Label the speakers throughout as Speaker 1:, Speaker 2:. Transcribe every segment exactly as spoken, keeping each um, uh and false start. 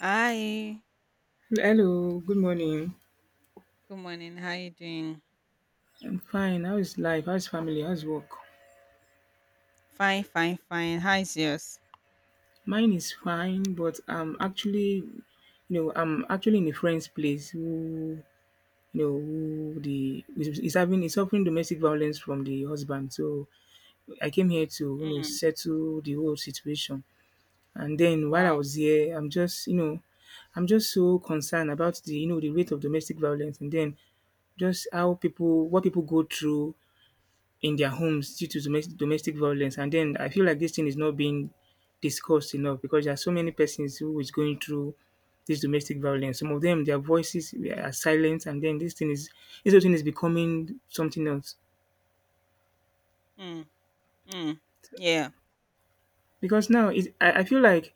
Speaker 1: Hi.
Speaker 2: Hello, good morning.
Speaker 1: Good morning. How you doing?
Speaker 2: I'm fine. How is life? How's family? How's work?
Speaker 1: Fine, fine, fine. How is yours?
Speaker 2: Mine is fine, but I'm actually, you know, I'm actually in a friend's place who, you know, who the is is having is suffering domestic violence from the husband. So I came here to, you know,
Speaker 1: Mm.
Speaker 2: settle the whole situation. And then while I
Speaker 1: Wow.
Speaker 2: was here, I'm just, you know, I'm just so concerned about the, you know, the rate of domestic violence, and then just how people, what people go through in their homes due to domes- domestic violence. And then I feel like this thing is not being discussed enough because there are so many persons who is going through this domestic violence. Some of them, their voices are silent, and then this thing is this whole thing is becoming something else.
Speaker 1: Mm. Mm. Yeah.
Speaker 2: Because now, it, I, I feel like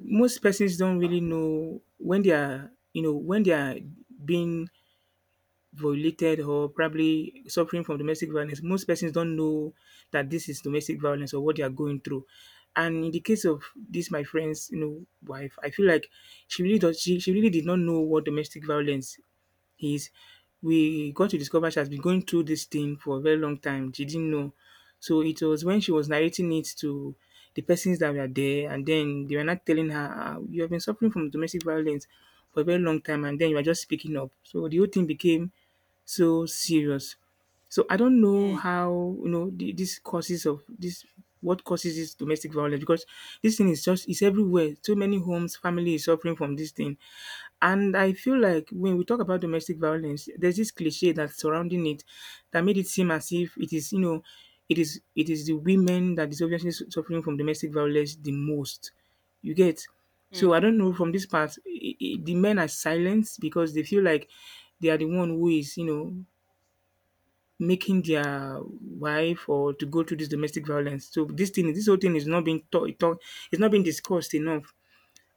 Speaker 2: most persons don't really know when they are, you know, when they are being violated or probably suffering from domestic violence. Most persons don't know that this is domestic violence or what they are going through. And in the case of this, my friend's, you know, wife, I feel like she really does. She, she really did not know what domestic violence is. We got to discover she has been going through this thing for a very long time. She didn't know. So it was when she was narrating it to the persons that were there, and then they were not telling her, "Ah, you have been suffering from domestic violence for a very long time, and then you are just speaking up." So the whole thing became so serious. So I don't know
Speaker 1: Mm.
Speaker 2: how, you know, the, this causes of this, what causes this domestic violence, because this thing is just, it's everywhere. So many homes, family is suffering from this thing. And I feel like when we talk about domestic violence, there's this cliche that's surrounding it that made it seem as if it is, you know, it is it is the women that is obviously su- suffering from domestic violence the most. You get.
Speaker 1: Mm.
Speaker 2: So I don't know, from this part, I I the men are silenced because they feel like they are the one who is, you know, making their wife or to go through this domestic violence. So this thing, this whole thing is not being taught, it's not being discussed enough.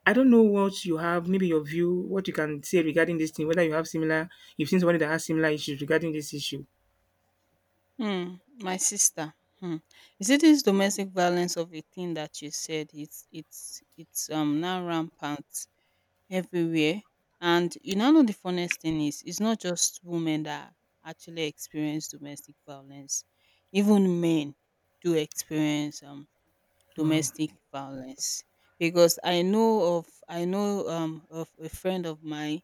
Speaker 2: I don't know what you have, maybe your view, what you can say regarding this thing, whether you have similar, you've seen somebody that has similar issues regarding this issue.
Speaker 1: Mm. My sister. Hmm. Is it this domestic violence of a thing that you said? It's it's it's um now rampant everywhere. And you now know the funniest thing is it's not just women that actually experience domestic violence. Even men do experience um
Speaker 2: Wow.
Speaker 1: domestic violence because I know of I know um of a friend of mine.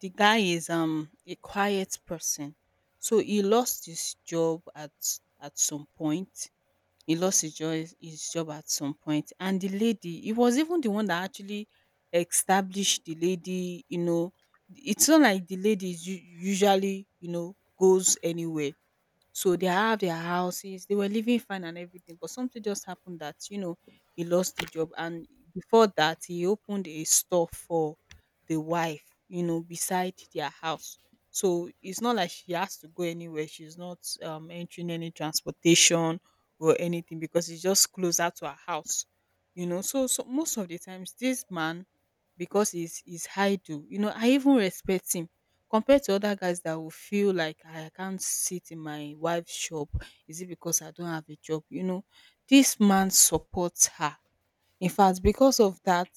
Speaker 1: The guy is um a quiet person, so he lost his job at at some point. He lost his job his job at some point, and the lady, he was even the one that actually established the lady. You know, it's not like the lady is u- usually, you know, goes anywhere, so they have their houses, they were living fine and everything, but something just happened that, you know, he lost the job. And before that, he opened a store for the wife, you know, beside their house. So it's not like she has to go anywhere. She's not um, entering any transportation or anything because it's just closer to her house, you know. So, so most of the times, this man, because he's, he's idle, you know, I even respect him compared to other guys that will feel like I can't sit in my wife's shop, is it because I don't have a job? You know, this man supports her. In fact, because of that,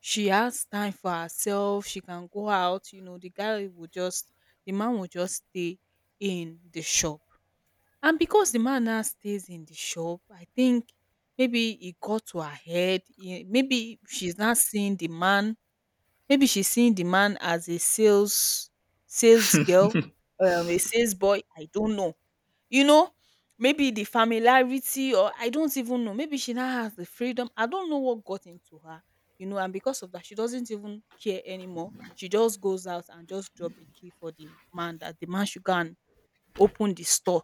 Speaker 1: she has time for herself. She can go out. You know, the guy will just, the man will just stay in the shop. And because the man now stays in the shop, I think maybe it got to her head. eh, Maybe she's not seeing the man. Maybe she's seeing the man as a sales sales girl, um, a sales boy. I don't know. You know, maybe the familiarity, or I don't even know. Maybe she now has the freedom. I don't know what got into her, you know, and because of that, she doesn't even care anymore. She just goes out and just drop the key for the man, that the man should go and open the store,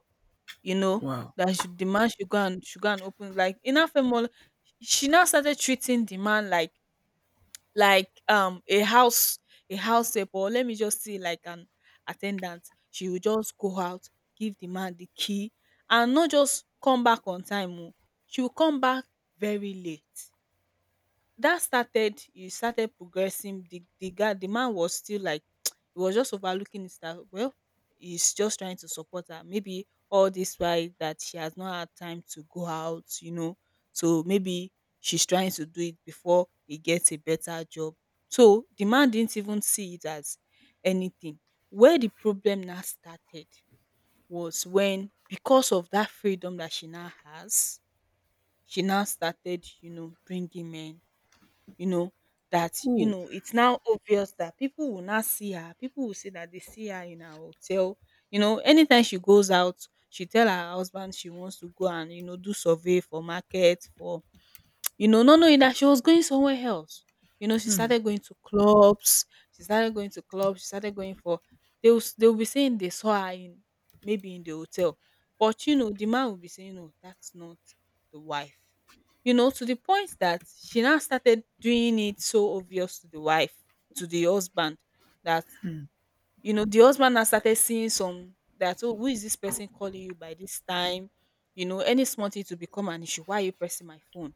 Speaker 1: you know,
Speaker 2: Wow.
Speaker 1: that should, the man should go and should go and open like in her family. She now started treating the man like like um a house a house help, or let me just say like an attendant. She will just go out, give the man the key, and not just come back on time oo. She will come back very late. That started, you started progressing. The the guy the man was still like he was just overlooking it, that well, he's just trying to support her, maybe all this while that she has not had time to go out, you know. So maybe she's trying to do it before he gets a better job. So the man didn't even see it as anything. Where the problem now started was when, because of that freedom that she now has, she now started, you know, bringing men, you know, that, you
Speaker 2: Ooh.
Speaker 1: know, it's now obvious that people will not see her. People will say that they see her in her hotel. You know, anytime she goes out, she tell her husband she wants to go and, you know, do survey for market, for, you know, not knowing that she was going somewhere else. You know, she started going to clubs. She started going to clubs. She started going for. They will, s- they will be saying they saw her in maybe in the hotel, but you know the man will be saying no, that's not the wife. You know, to the point that she now started doing it so obvious to the wife, to the husband, that, you know, the husband now started seeing some that, oh, who is this person calling you by this time? You know, any small thing to become an issue. Why are you pressing my phone?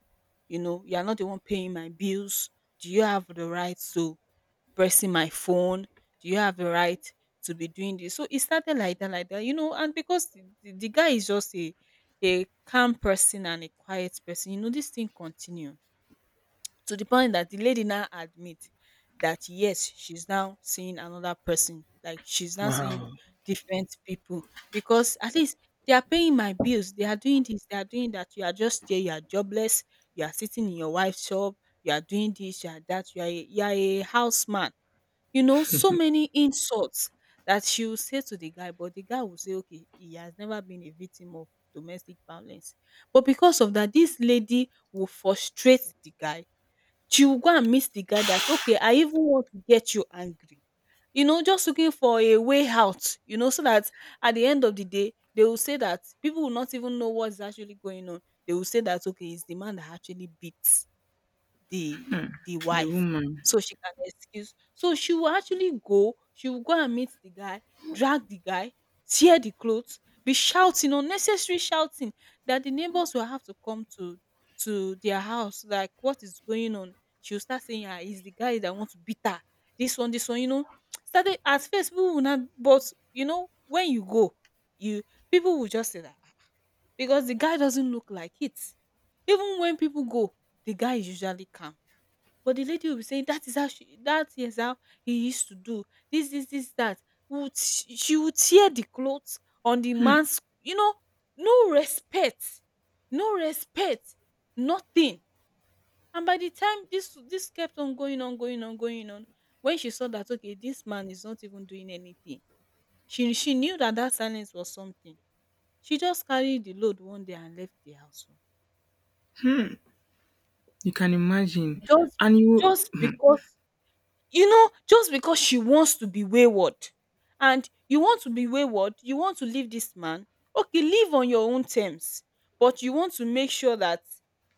Speaker 1: You know, you are not the one paying my bills. Do you have the right to pressing my phone? Do you have the right to be doing this? So it started like that, like that, you know, and because the, the the guy is just a a calm person and a quiet person, you know, this thing continued to the point that the lady now admit that yes, she's now seeing another person. Like she's now seeing
Speaker 2: Wow.
Speaker 1: different people because at least they are paying my bills. They are doing this. They are doing that. You are just there. You are jobless. You are sitting in your wife's shop. You are doing this. You are that. You are a, you are a houseman. You know, so many insults that she will say to the guy, but the guy will say, okay, he has never been a victim of domestic violence. But because of that, this lady will frustrate the guy. She will go and meet the guy that, "Okay, I even want to get you angry." You know, just looking for a way out, you know, so that at the end of the day, they will say that people will not even know what's actually going on. They will say that, "Okay, it's the man that actually beats the the
Speaker 2: The
Speaker 1: wife,
Speaker 2: woman.
Speaker 1: so she can excuse, so she will actually go, she will go and meet the guy, drag the guy, tear the clothes, be shouting, unnecessary shouting, that the neighbors will have to come to to their house, like what is going on." She will start saying ah, it's the guy that want to beat her, this one this one, you know, started. At first people will not, but you know, when you go, you people will just say that, "Ah, ah," because the guy doesn't look like it. Even when people go, the guy is usually calm. But the lady will be saying that is how she, that is how he used to do this, this, this, that. Would she she will tear the clothes on the man's, you know, no respect, no respect, nothing. And by the time this, this kept on going on, going on, going on, when she saw that okay, this man is not even doing anything, she she knew that that silence was something. She just carried the load one day and left the house, oh.
Speaker 2: You can imagine.
Speaker 1: Just
Speaker 2: And you
Speaker 1: just because, you know, just because she wants to be wayward, and you want to be wayward, you want to leave this man, okay, live on your own terms, but you want to make sure that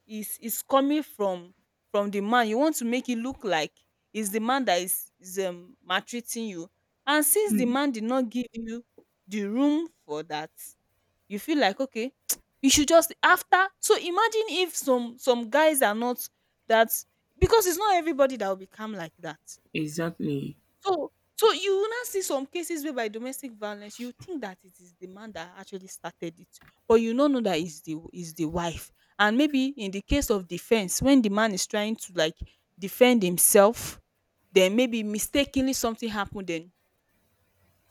Speaker 1: is is coming from from the man, you want to make it look like is the man that is is, um, maltreating you, and since the man did not give you the room for that, you feel like okay, you should just after. So imagine if some some guys are not that, because it's not everybody that will become like that.
Speaker 2: exactly.
Speaker 1: So so you will now see some cases where by domestic violence, you think that it is the man that actually started it, but you no know that is the is the wife. And maybe in the case of defense, when the man is trying to like defend himself, then maybe mistakenly something happened, then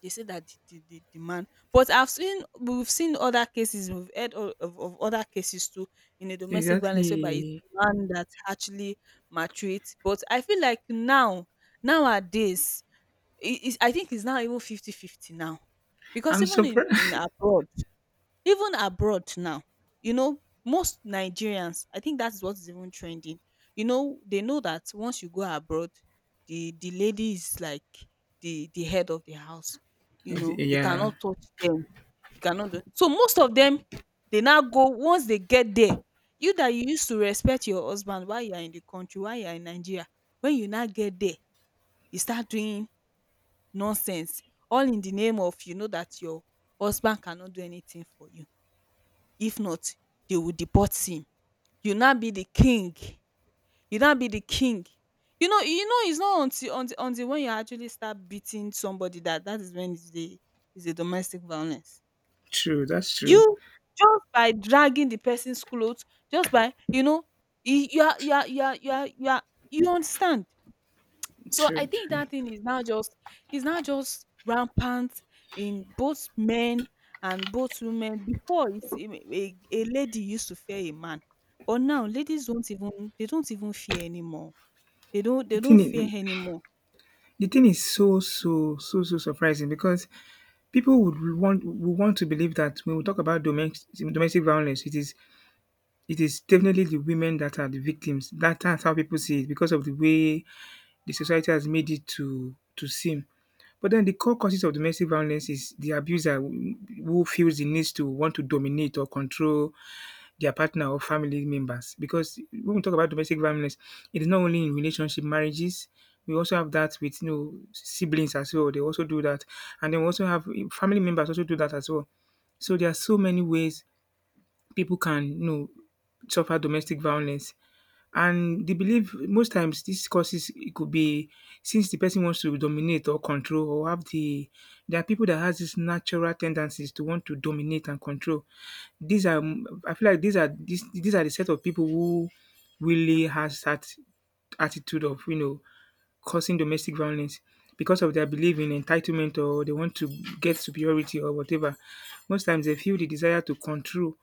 Speaker 1: they say that the, the, the, the man. But I've seen we've seen other cases, we've heard of, of, of other cases too, in a domestic violence whereby it's
Speaker 2: Exactly.
Speaker 1: the man that actually maltreats. But I feel like now nowadays, it is, I think it's now even fifty-fifty now. Because
Speaker 2: I'm
Speaker 1: even in in
Speaker 2: surprised.
Speaker 1: abroad, even abroad now, you know, most Nigerians, I think that is what is even trending. You know, they know that once you go abroad, the the lady is like the the head of the house, you know, you
Speaker 2: yeah.
Speaker 1: cannot touch them, you cannot do, so most of them, they now go, once they get there, you that you used to respect your husband while you are in the country, while you are in Nigeria, when you now get there, you start doing nonsense, all in the name of, you know, that your husband cannot do anything for you, if not they will deport him. you now be the king you now be the king, you know, you know it's not until until until when you actually start beating somebody, that that is when it's the is a domestic violence.
Speaker 2: True, that's true.
Speaker 1: You Just by dragging the person's clothes, just by, you know, you you are you are you are you are you are, you understand. So I
Speaker 2: True,
Speaker 1: think
Speaker 2: true.
Speaker 1: that thing is now just is now just rampant in both men and both women. Before, it's a, a a lady used to fear a man, but now ladies don't even, they don't even fear anymore. They don't
Speaker 2: The
Speaker 1: they don't
Speaker 2: thing
Speaker 1: fear
Speaker 2: is,
Speaker 1: anymore.
Speaker 2: the thing is so so so so surprising because people would want would want to believe that when we talk about domestic domestic violence, it is It is definitely the women that are the victims. That that's how people see it because of the way the society has made it to to seem. But then the core causes of domestic violence is the abuser who feels the needs to want to dominate or control their partner or family members. Because when we talk about domestic violence, it is not only in relationship marriages. We also have that with, you know, siblings as well. They also do that, and then we also have family members also do that as well. So there are so many ways people can, you know, suffer domestic violence. And they believe most times these causes, it could be since the person wants to dominate or control or have the there are people that has these natural tendencies to want to dominate and control. These are I feel like these are these these are the set of people who really has that attitude of, you know, causing domestic violence because of their belief in entitlement, or they want to get superiority or whatever. Most times they feel the desire to control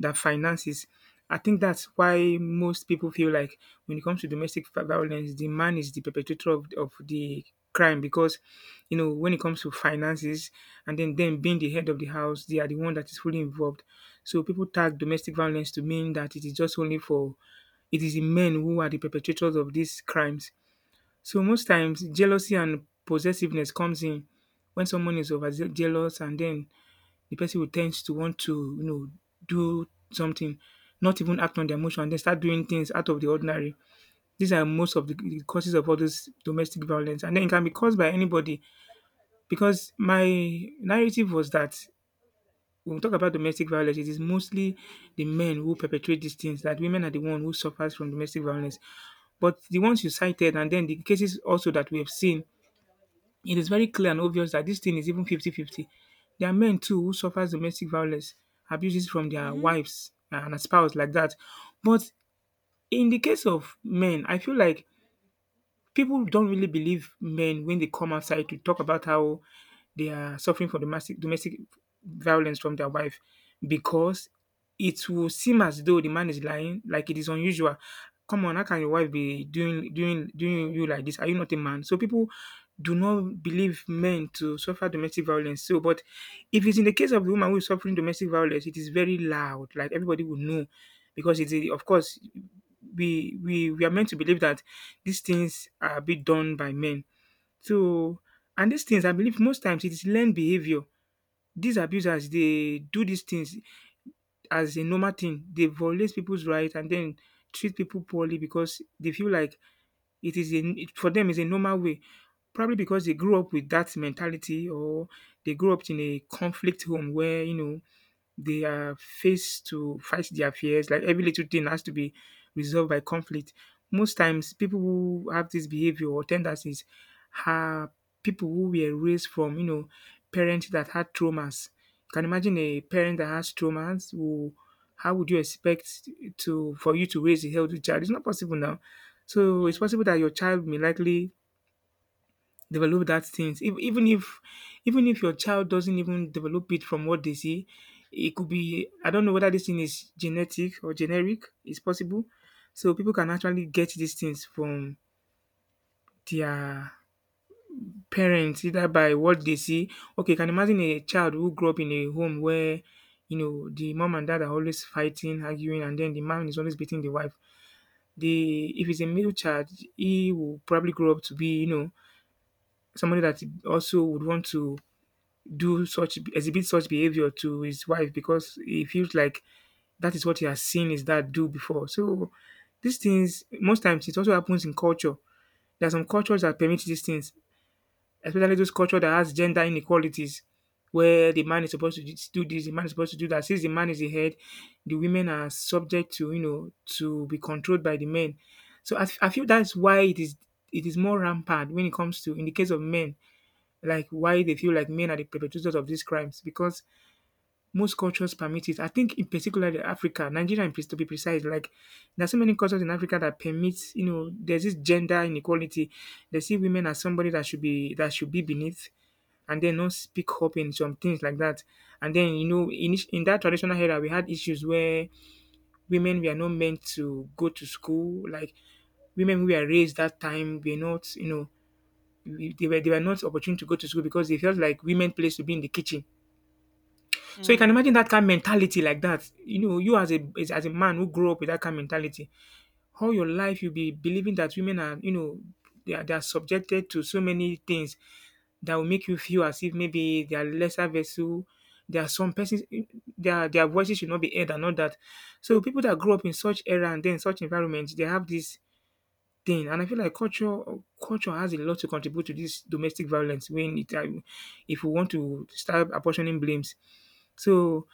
Speaker 2: their finances. I think that's why most people feel like when it comes to domestic vi- violence, the man is the perpetrator of, of the crime because, you know, when it comes to finances and then them being the head of the house, they are the one that is fully involved. So people tag domestic violence to mean that it is just only for it is the men who are the perpetrators of these crimes. So most times jealousy and possessiveness comes in when someone is over jealous, and then the person will tend to want to, you know, do something, not even act on their emotion, and then start doing things out of the ordinary. These are most of the the causes of all this domestic violence. And then it can be caused by anybody because my narrative was that when we talk about domestic violence, it is mostly the men who perpetrate these things, that women are the one who suffers from domestic violence. But the ones you cited, and then the cases also that we have seen, it is very clear and obvious that this thing is even fifty-fifty. There are men too who suffers domestic violence, abuses from their
Speaker 1: Mm-hmm.
Speaker 2: wives and spouse like that. But in the case of men, I feel like people don't really believe men when they come outside to talk about how they are suffering from domestic domestic violence from their wife, because it will seem as though the man is lying, like it is unusual. Come on, how can your wife be doing doing doing you like this? Are you not a man? So people do not believe men to suffer domestic violence. So, but if it's in the case of the woman who is suffering domestic violence, it is very loud. Like everybody will know, because it's a- of course we we we are meant to believe that these things are being done by men. So, and these things, I believe, most times it is learned behavior. These abusers dey do these things as a normal thing. They violate people's right and then treat people poorly because they feel like it is a it, for them is a normal way. Probably because they grew up with that mentality, or they grew up in a conflict home where, you know, they are faced to fight their fears. Like every little thing has to be resolved by conflict. Most times, people who have this behavior or tendencies are people who were raised from, you know, parents that had traumas. You can imagine a parent that has traumas who how would you expect to, for you to raise a healthy child? It's not possible now. So it's
Speaker 1: Mm,
Speaker 2: possible that your child may likely develop that things. If, even if even if your child doesn't even develop it from what they see, it could be I don't know whether this thing is genetic or generic, it's possible. So people can actually get these things from their parents, either by what they see. Okay, you can imagine a child who grew up in a home where, you know, the mom and dad are always fighting, arguing, and then the man is always beating the wife. The, if it's a male child, he will probably grow up to be, you know, somebody that also would want to do such, exhibit such behavior to his wife because he feels like that is what he has seen his dad do before. So these things most times it also happens in culture. There are some cultures that permit these things, especially those cultures that has gender inequalities, where the man is supposed to do this, the man is supposed to do that. Since the man is the head, the women are subject to, you know, to be controlled by the men. So I, I feel that's why it is it is more rampant when it comes to, in the case of men, like why they feel like men are the perpetrators of these crimes because most cultures permit it. I think in particular the Africa, Nigeria, in pre- to be precise, like there's so many cultures in Africa that permits, you know, there's this gender inequality. They see women as somebody that should be, that should be beneath, and then not speak up in some things like that. And then you know, in each- in that traditional era, we had issues where women were not meant to go to school. Like women who were raised that time were not, you know, we- they were they were not opportune to go to school because they felt like women place to be in the kitchen. So you can
Speaker 1: mm,
Speaker 2: imagine that kind of mentality like that. You know, you as a as, as a man who grew up with that kind of mentality, all your life you'll be believing that women are, you know, they are, they are subjected to so many things that will make you feel as if maybe they are lesser vessel. There are some persons their their voices should not be heard and all that. So people that grew up in such era and then such environment, they have this thing. And I feel like culture culture has a lot to contribute to this domestic violence when it uh, if we want to start apportioning blames, so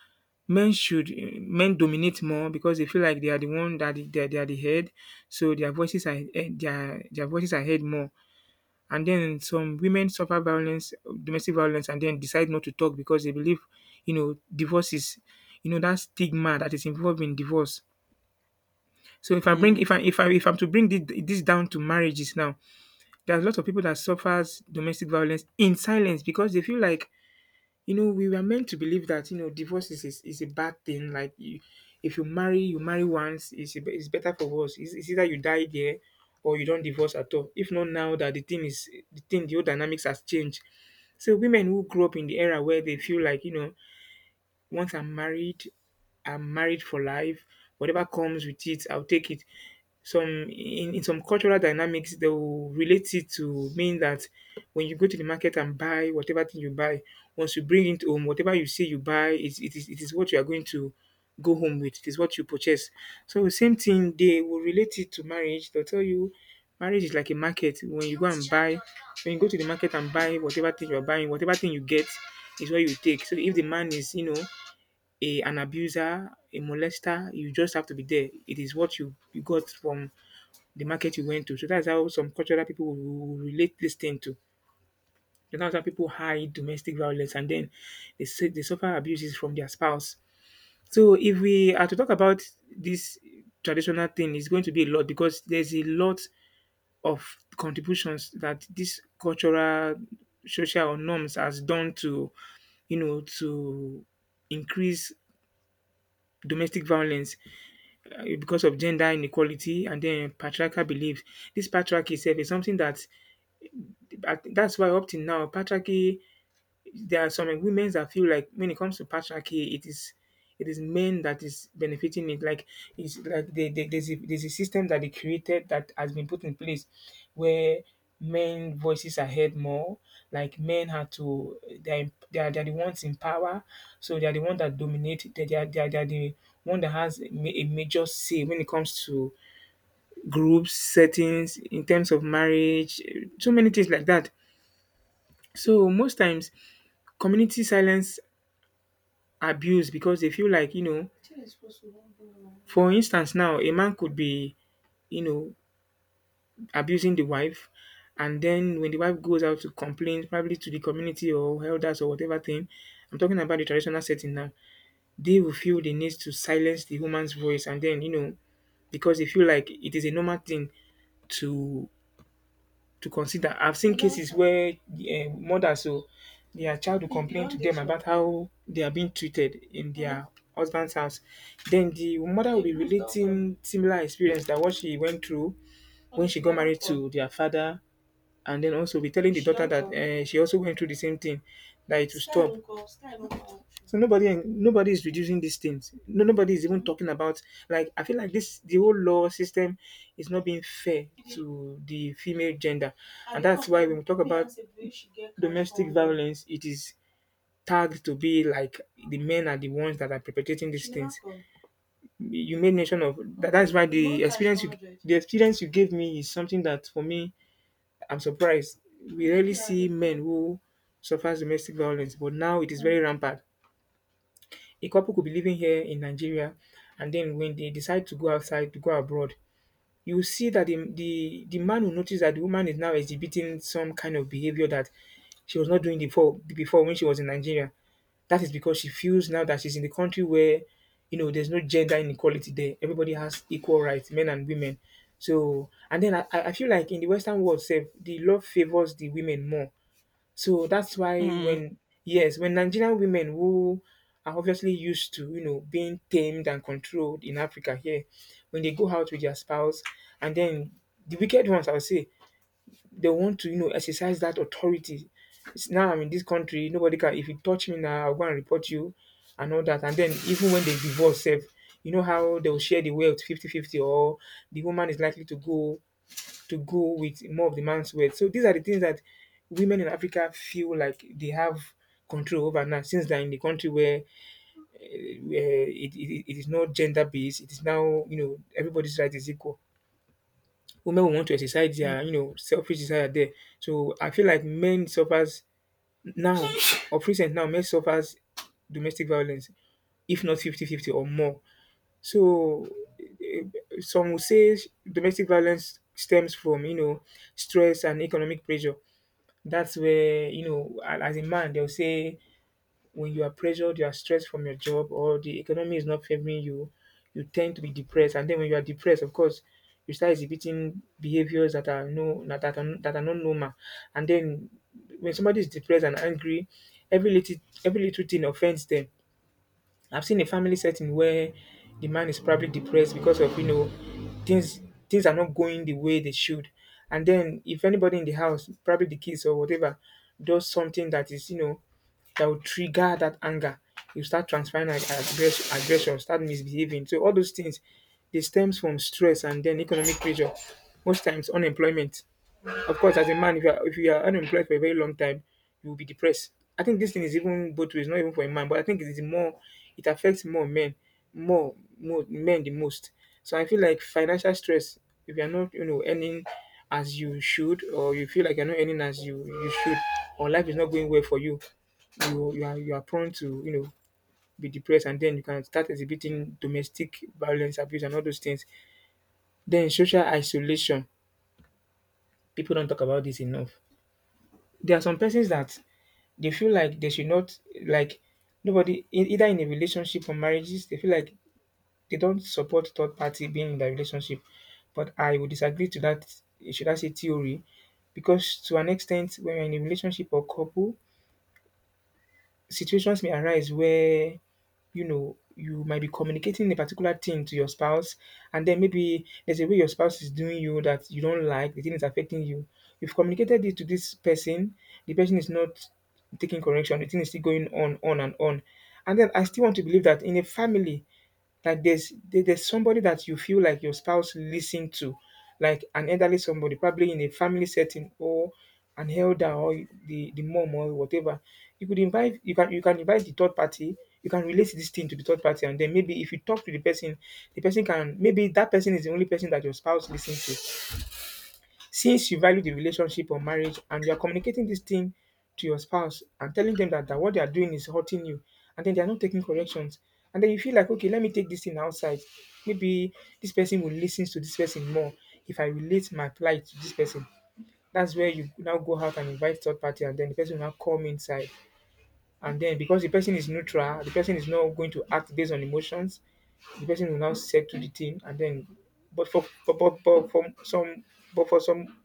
Speaker 2: men should men dominate more because they feel like they are the one that they they, are, they are the head, so their voices are eh, their their voices are heard more. And then some women suffer violence, domestic violence, and then decide not to talk because they believe, you know, divorce is, you know, that stigma that is involved in divorce. So if I bring
Speaker 1: mm,
Speaker 2: if I if I if I'm to bring this, this down to marriages now, there are a lot of people that suffers domestic violence in silence because they feel like you know, we were meant to believe that you know divorce is is, is a bad thing. Like, you, if you marry, you marry once. It's it's better for worse. It's, it's either you die there, or you don't divorce at all. If not now, that the thing is the thing, the whole dynamics has changed. So women who grew up in the era where they feel like you know, once I'm married, I'm married for life. Whatever comes with it, I'll take it. Some in, in some cultural dynamics they will relate it to mean that when you go to the market and buy whatever thing you buy, once you bring it home, whatever you see you buy it, it is it is what you are going to go home with, it is what you purchase. So same thing they will relate it to marriage. They'll tell you marriage is like a market. When you go and buy, when you go to the market and buy whatever thing you're buying, whatever thing you get is what you take. So if the man is, you know, a an abuser, a molester, you just have to be there. It is what you you got from the market you went to. So that's how some cultural people will- relate this thing to. So that's how people hide domestic violence and then they say they suffer abuses from their spouse. So if we are to talk about this traditional thing, it's going to be a lot because there's a lot of contributions that this cultural, social norms has done to, you know, to increase domestic violence, uh, because of gender inequality and then patriarchal beliefs. This patriarchy itself is something that I think that's why up till now patriarchy, there are some women that feel like when it comes to patriarchy, it is it is men that is benefiting it. Like it's like they, they, there's, a, there's a system that they created that has been put in place where men voices are heard more. Like men have to they're, they're, they're the ones in power, so they're the one that dominate. they're, they're, they're, they're the one that has a ma- a major say when it comes to groups settings in terms of marriage, so many things like that. So most times community silence abuse because they feel like you know, for instance now a man could be you know abusing the wife, and then when the wife goes out to complain probably to the community or elders or whatever thing, I'm talking about the traditional setting now, they will feel the need to silence the woman's voice and then you know because they feel like it is a normal thing to to consider. I've seen cases where uh, mothers, so their child will complain to them about how they are being treated in their husband's house. Then the mother will be relating similar experience, that what she went through when she got married to their father, and then also be telling the daughter that uh, she also went through the same thing, that it will stop. So nobody nobody is reducing these things. No, nobody is even talking about, like I feel like this the whole law system is not being fair to the female gender, and that's why when we talk about domestic violence, it is tagged to be like the men are the ones that are perpetrating these things. You made mention of that. That's why the experience you the experience you gave me is something that for me I'm surprised. We rarely see men who suffer domestic violence, but now it is very rampant. A couple could be living here in Nigeria and then when they decide to go outside to go abroad, you will see that the, the, the man will notice that the woman is now exhibiting some kind of behavior that she was not doing before, before when she was in Nigeria. That is because she feels now that she's in the country where, you know, there's no gender inequality there. Everybody has equal rights, men and women. So, and then I, I I feel like in the Western world, sef, the law favors the women more. So that's why
Speaker 1: mm,
Speaker 2: when, yes, when Nigerian women who are obviously used to you know being tamed and controlled in Africa here, when they go out with their spouse, and then the wicked ones, I would say, they want to you know exercise that authority. It's now I'm in this country, nobody can. If you touch me now, I'll go and report you, and all that. And then even when they divorce, sef, you know how they'll share the wealth fifty-fifty, or the woman is likely to go to go with more of the man's words. So these are the things that women in Africa feel like they have control over now since they're in the country where, uh, where it, it, it is not gender based. It is now you know everybody's right is equal. Women will want to exercise
Speaker 1: mm,
Speaker 2: their you know selfish desire there. So I feel like men suffers now, of recent now men suffers domestic violence if not fifty fifty or more. So, eh, some will say domestic violence stems from you know stress and economic pressure. That's where, you know, a- as a man, they'll say when you are pressured, you are stressed from your job, or the economy is not favoring you, you tend to be depressed. And then when you are depressed, of course, you start exhibiting behaviors that are no that, that are that are not normal. And then when somebody is depressed and angry, every little every little thing offends them. I've seen a family setting where the man is probably depressed because of you know things things are not going the way they should. And then if anybody in the house, probably the kids or whatever, does something that is, you know, that will trigger that anger, you start transferring ag- aggress- aggression, start misbehaving. So all those things, they stems from stress and then economic pressure, most times unemployment. Of course, as a man, if you are, if you are unemployed for a very long time, you will be depressed. I think this thing is even both ways, not even for a man, but I think it is more, it affects more men, more, more men the most. So I feel like financial stress, if you are not, you know, earning as you should, or you feel like you're not earning as you, you should, or life is not going well for you, you you are you are prone to you know be depressed and then you can start exhibiting domestic violence abuse and all those things. Then social isolation, people don't talk about this enough. There are some persons that they feel like they should not, like nobody in either in a relationship or marriages, they feel like they don't support third party being in the relationship. But I would disagree to that, should I say, theory, because to an extent when you're in a relationship or couple, situations may arise where you know you might be communicating a particular thing to your spouse and then maybe there's a way your spouse is doing you that you don't like, the thing is affecting you, you've communicated it to this person, the person is not taking correction, the thing is still going on on and on. And then I still want to believe that in a family, like there's there- there's somebody that you feel like your spouse listen to, like an elderly somebody, probably in a family setting or an elder or the, the mom or whatever. You could invite you can you can invite the third party, you can relate this thing to the third party, and then maybe if you talk to the person, the person can, maybe that person is the only person that your spouse listens to. Since you value the relationship or marriage and you are communicating this thing to your spouse and telling them that, that what they are doing is hurting you and then they are not taking corrections. And then you feel like, okay, let me take this thing outside. Maybe this person will listen to this person more if I relate my plight to this person. That's where you now go out and invite third party and then the person will now come inside. And then because the person is neutral, the person is not going to act based on emotions, the person will now settle the thing. And then but for but, but, but for some but for some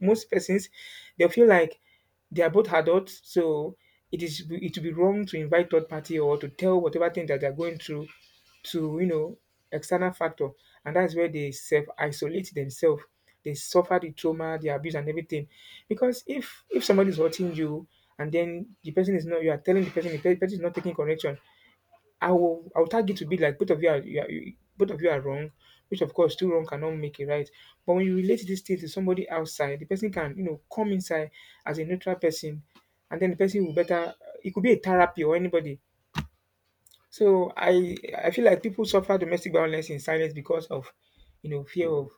Speaker 2: most persons, they feel like they are both adults, so it is it would be wrong to invite third party or to tell whatever thing that they're going through to you know external factor, and that's where they self isolate themselves. They suffer the trauma, the abuse, and everything. Because if if somebody is hurting you and then the person is not, you are telling the person the pe- person is not taking correction, I will I will tag it to be like both of you are, you, are, you both of you are wrong, which of course two wrong cannot make it right. But when you relate this thing to somebody outside, the person can, you know come inside as a neutral person, and then the person will better. It could be a therapy or anybody. So I I feel like people suffer domestic violence in silence because of you know fear of,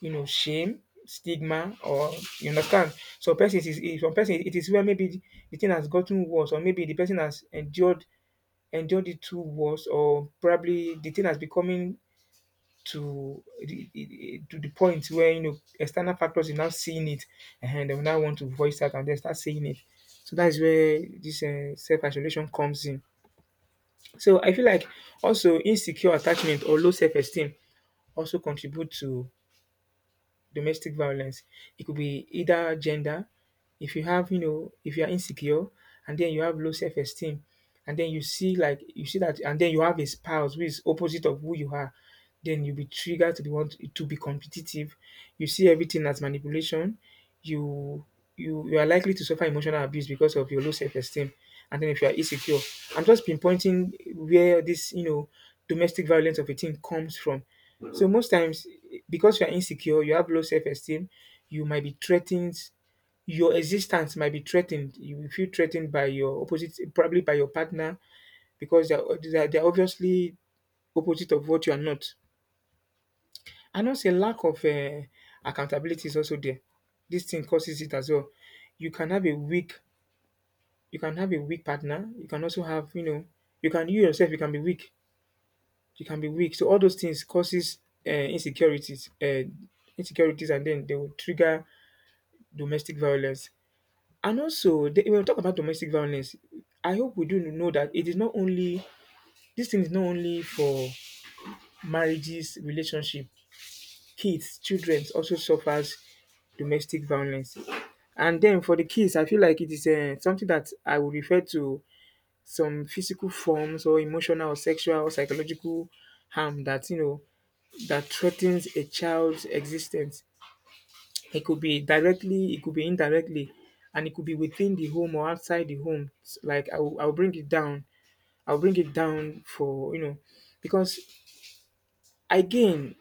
Speaker 2: you know shame, stigma, or you understand. So person is is- some person, it is where maybe the, the thing has gotten worse, or maybe the person has endured endure the two wars, or probably the thing has becoming to the, to the point where you know external factors are now seeing it, and they will now want to voice out and they start saying it. So that is where this uh, self isolation comes in. So I feel like also insecure attachment or low self esteem also contribute to domestic violence. It could be either gender. If you have, you know, if you are insecure and then you have low self esteem, and then you see, like you see that, and then you have a spouse who is opposite of who you are, then you'll be triggered to be want to be competitive. You see everything as manipulation. You you you are likely to suffer emotional abuse because of your low self esteem. And then if you are insecure, I'm just pinpointing where this, you know, domestic violence of a teen comes from. So most times, because you are insecure, you have low self-esteem, you might be threatened. Your existence might be threatened. You will feel threatened by your opposite, probably by your partner, because they're they're, they're obviously opposite of what you are not. And also, a lack of uh, accountability is also there. This thing causes it as well. You can have a weak, you can have a weak partner. You can also have, you know, you can you yourself, you can be weak you can be weak. So all those things causes uh, insecurities, uh, insecurities, and then they will trigger domestic violence. And also, the- when we talk about domestic violence, I hope we do know that it is not only this thing is not only for marriages, relationship, kids. Children also suffers domestic violence. And then for the kids, I feel like it is uh, something that I would refer to some physical forms or emotional or sexual or psychological harm that, you know that threatens a child's existence. It could be directly, it could be indirectly, and it could be within the home or outside the home. It's like I'll, I'll bring it down. I'll bring it down for, you know, because again,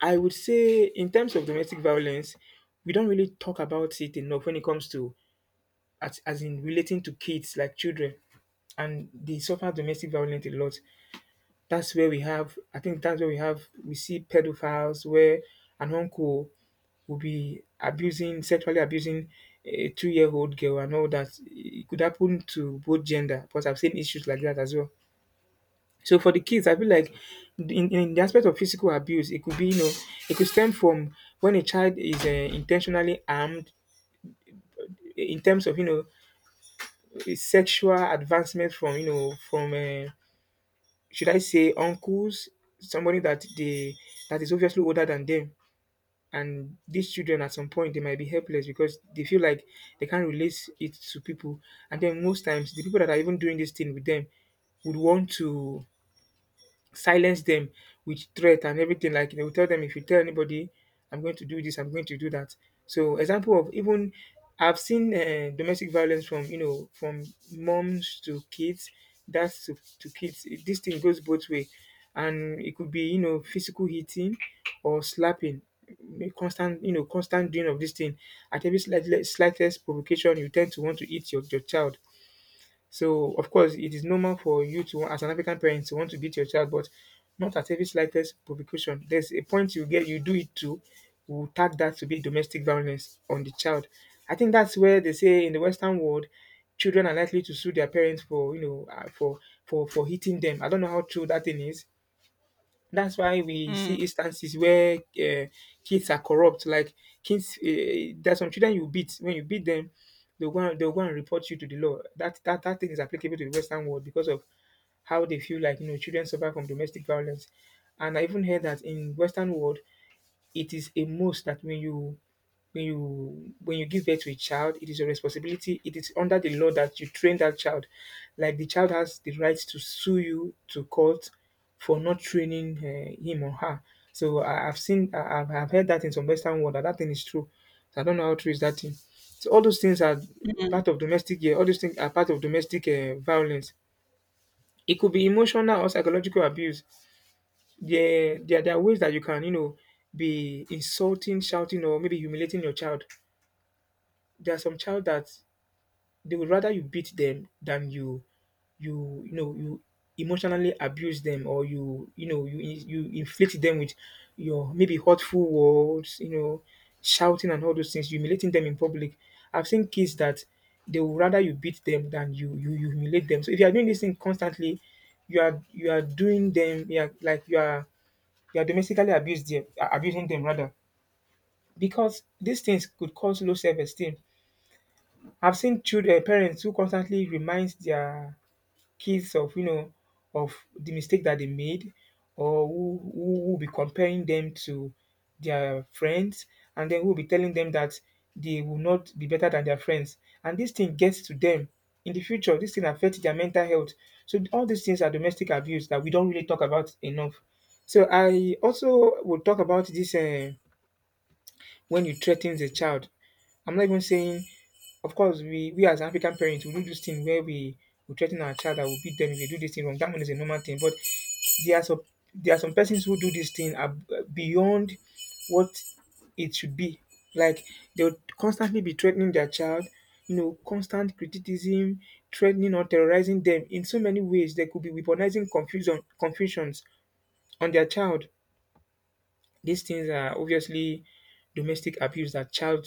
Speaker 2: I would say in terms of domestic violence, we don't really talk about it enough when it comes to, as, as in relating to kids, like children, and they suffer domestic violence a lot. That's where we have I think that's where we have we see pedophiles, where an uncle will be abusing sexually abusing a two year old girl and all that. It could happen to both gender because I've seen issues like that as well. So for the kids, I feel like in, in the aspect of physical abuse, it could be, you know it could stem from when a child is uh, intentionally armed in terms of, you know sexual advancement from, you know from uh, should I say, uncles, somebody that they that is obviously older than them. And these children at some point they might be helpless because they feel like they can't relate it to people. And then most times the people that are even doing this thing with them would want to silence them with threat and everything. Like they will tell them, if you tell anybody, I'm going to do this, I'm going to do that. So example of even I've seen uh, domestic violence from, you know from moms to kids, that's to, to kids. It- This thing goes both way, and it could be, you know physical hitting or slapping, a constant you know constant doing of this thing. At every slight, slightest provocation, you tend to want to eat your, your child. So of course, it is normal for you to, as an African parent, to want to beat your child, but not at every slightest provocation. There's a point you get, you do it to, will tag that to be domestic violence on the child. I think that's where they say in the Western world, children are likely to sue their parents for, you know uh, for for for hitting them. I don't know how true that thing is. That's why we see
Speaker 1: mm,
Speaker 2: instances where, uh, kids are corrupt. Like kids, uh, there's some children you beat. When you beat them, they'll go and, they'll go and report you to the law. That that that thing is applicable to the Western world because of how they feel like, you know children suffer from domestic violence. And I even heard that in Western world, it is a must that when you when you when you give birth to a child, it is your responsibility. It is under the law that you train that child. Like the child has the right to sue you to court for not training uh, him or her. So I, I've seen, I, I've I've heard that in some Western world that that thing is true. So I don't know how true is that thing. So all those things are
Speaker 1: mm.
Speaker 2: part of domestic. Yeah, all those things are part of domestic uh, violence. It could be emotional or psychological abuse. Yeah, there, there are ways that you can, you know, be insulting, shouting, or maybe humiliating your child. There are some child that they would rather you beat them than you, you, you know, you emotionally abuse them, or you, you know, you you inflict them with your maybe hurtful words, you know, shouting, and all those things, humiliating them in public. I've seen kids that they would rather you beat them than you you humiliate them. So if you are doing this thing constantly, you are, you are doing them, yeah, like you are you are domestically abused them, uh, abusing them rather, because these things could cause low self-esteem. I've seen children, parents who constantly remind their kids of, you know of the mistake that they made, or who who will be comparing them to their friends, and then who will be telling them that they will not be better than their friends. And this thing gets to them in the future. This thing affects their mental health. So all these things are domestic abuse that we don't really talk about enough. So I also will talk about this, uh, when you threaten the child. I'm not even saying, of course, we, we as African parents, we do this thing where we, we threaten our child that we beat them if they do this thing wrong. That one is a normal thing. But there are some, there are some persons who do this thing ab- beyond what it should be. Like they'll constantly be threatening their child, you know, constant criticism, threatening or terrorizing them in so many ways. There could be weaponizing confusion, confusions on their child. These things are obviously domestic abuse that child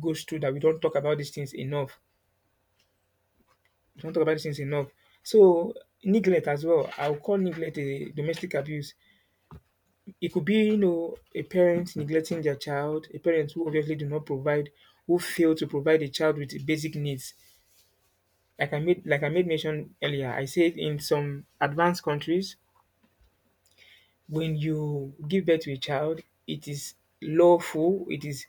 Speaker 2: goes through, that we don't talk about these things enough. We don't talk about these things enough. So, neglect as well. I'll call neglect a domestic abuse. It could be, you know, a parent neglecting their child, a parent who obviously do not provide, who fail to provide a child with basic needs. Like I made like I made mention earlier, I said in some advanced countries, when you give birth to a child, it is lawful, it is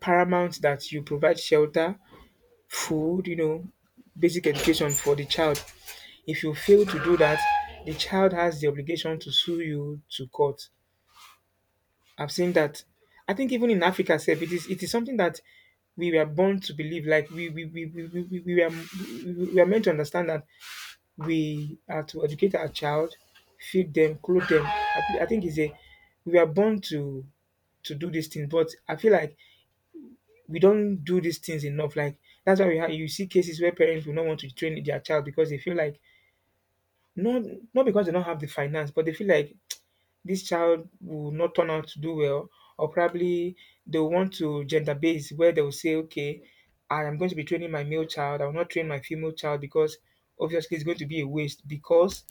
Speaker 2: paramount that you provide shelter, food, you know, basic education for the child. If you fail to do that, the child has the obligation to sue you to court. I've seen that. I think even in Africa itself, it is it is something that we were born to believe. Like we we we we, we, we, we, are, we we are meant to understand that we are to educate our child, feed them, clothe them. I, thi- I think it's a we are born to to do these things. But I feel like we don't do these things enough. Like that's why we have, you see cases where parents will not want to train their child because they feel like not not because they don't have the finance, but they feel like this child will not turn out to do well, or probably they will want to gender base where they will say, okay, I am going to be training my male child. I will not train my female child because obviously it's going to be a waste because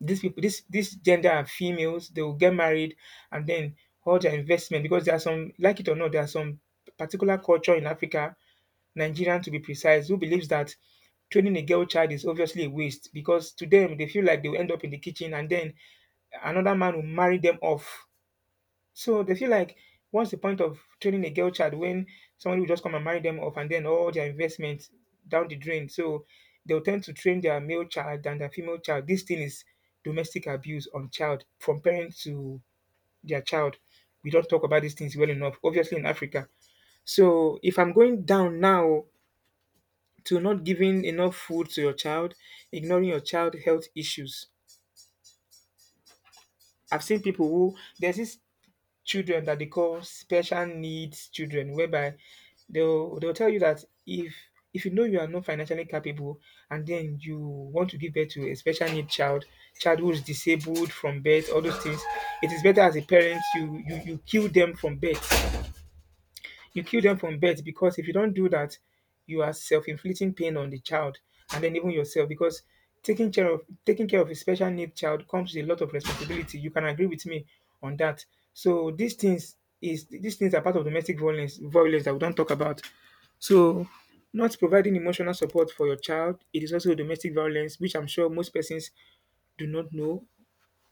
Speaker 2: these people, this this gender are females. They will get married, and then all their investment because there are some, like it or not, there are some particular culture in Africa, Nigerian to be precise, who believes that training a girl child is obviously a waste because to them they feel like they will end up in the kitchen and then another man will marry them off. So they feel like what's the point of training a girl child when somebody will just come and marry them off and then all their investment down the drain. So they'll tend to train their male child and their female child. This thing is domestic abuse on child from parents to their child. We don't talk about these things well enough, obviously in Africa. So if I'm going down now to not giving enough food to your child, ignoring your child health issues. I've seen people who there's these children that they call special needs children, whereby they'll they'll tell you that if if you know you are not financially capable and then you want to give birth to a special need child, child who is disabled from birth, all those things, it is better as a parent you you, you kill them from birth. You kill them from birth because if you don't do that, you are self-inflicting pain on the child and then even yourself because taking care of taking care of a special need child comes with a lot of responsibility. You can agree with me on that. So these things is these things are part of domestic violence violence that we don't talk about. So not providing emotional support for your child, it is also domestic violence, which I'm sure most persons do not know,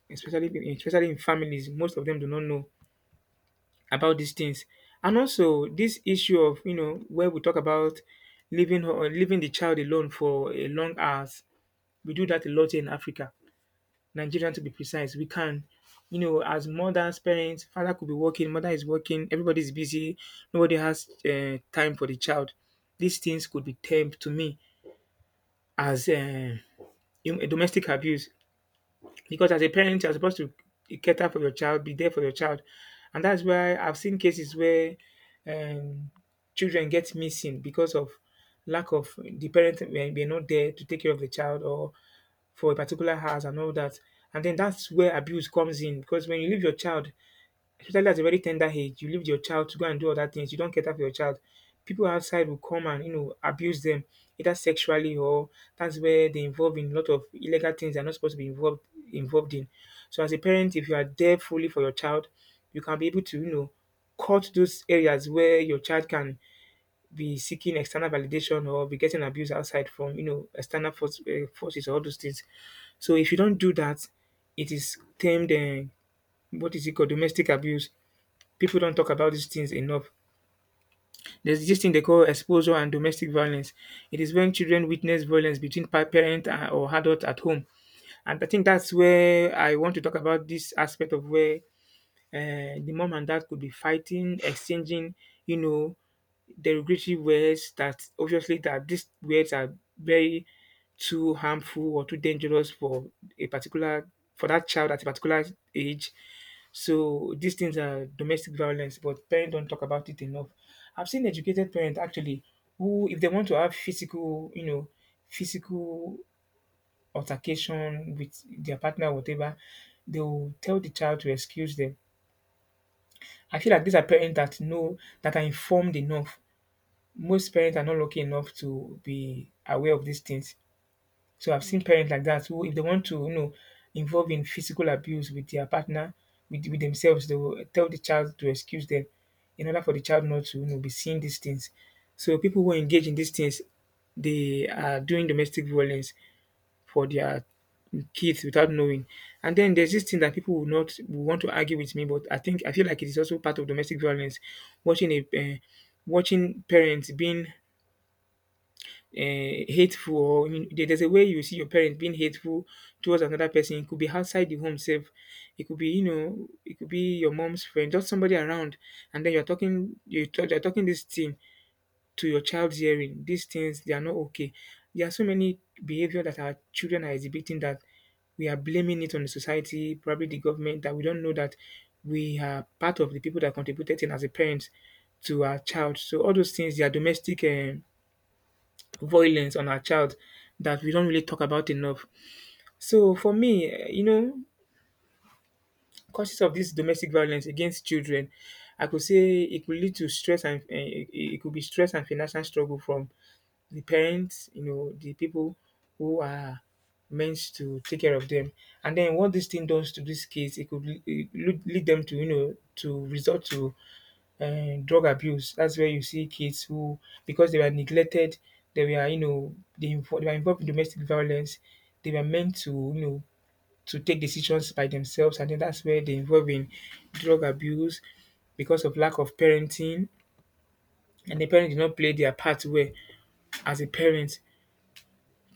Speaker 2: especially especially in families. Most of them do not know about these things. And also this issue of, you know, where we talk about leaving her- or leaving the child alone for a long hours. We do that a lot in Africa, Nigeria to be precise. We can, you know, as mothers, parents, father could be working, mother is working, everybody's busy, nobody has uh, time for the child. These things could be termed to me as uh, in- domestic abuse because as a parent you're supposed to cater for your child, be there for your child. And that's why I've seen cases where um, children get missing because of lack of, the parents were are not there to take care of the child or for a particular house and all that. And then that's where abuse comes in, because when you leave your child, especially at a very tender age, you leave your child to go and do other things. You don't cater for your child. People outside will come and, you know, abuse them, either sexually, or that's where they involve in a lot of illegal things they're not supposed to be involved involved in. So as a parent, if you are there fully for your child, you can be able to, you know, cut those areas where your child can be seeking external validation or be getting abuse outside from, you know, external force, uh, forces or all those things. So if you don't do that, it is termed uh, what is it called, domestic abuse. People don't talk about these things enough. There's this thing they call exposure and domestic violence. It is when children witness violence between pa- parent and- or adult at home. And I think that's where I want to talk about this aspect of where um the mom and dad could be fighting, exchanging, you know, derogatory words that obviously that these words are very too harmful or too dangerous for a particular, for that child at a particular age. So these things are domestic violence, but parents don't talk about it enough. I've seen educated parents actually who, if they want to have physical, you know, physical altercation with their partner, or whatever, they will tell the child to excuse them. I feel like these are parents that know, that are informed enough. Most parents are not lucky enough to be aware of these things. So I've seen
Speaker 1: Mm.
Speaker 2: parents like that who, if they want to, you know, involve in physical abuse with their partner, with, with themselves, they will tell the child to excuse them in order for the child not to, you know, be seeing these things. So people who engage in these things, they are doing domestic violence for their kids without knowing. And then there's this thing that people will not will want to argue with me, but I think I feel like it is also part of domestic violence. Watching a uh, watching parents being uh, hateful, or in- there- there's a way you see your parents being hateful towards another person. It could be outside the home safe. It could be, you know, it could be your mom's friend, just somebody around, and then you're talking you talk, you're talking this thing to your child's hearing, these things they are not okay. There are so many behavior that our children are exhibiting that we are blaming it on the society, probably the government, that we don't know that we are part of the people that contributed in as a parent to our child. So all those things, they are domestic um violence on our child that we don't really talk about enough. So for me, eh, you know, causes of this domestic violence against children, I could say it could lead to stress and eh, it it could be stress and financial struggle from the parents, you know, the people who are meant to take care of them. And then what this thing does to these kids, it could le- it lead lead them to, you know, to resort to uh, drug abuse. That's where you see kids who, because they were neglected, they were, you know, they, invo- they were involved in domestic violence. They were meant to, you know, to take decisions by themselves. And then that's where they involve in drug abuse because of lack of parenting. And the parents did not play their part well as a parent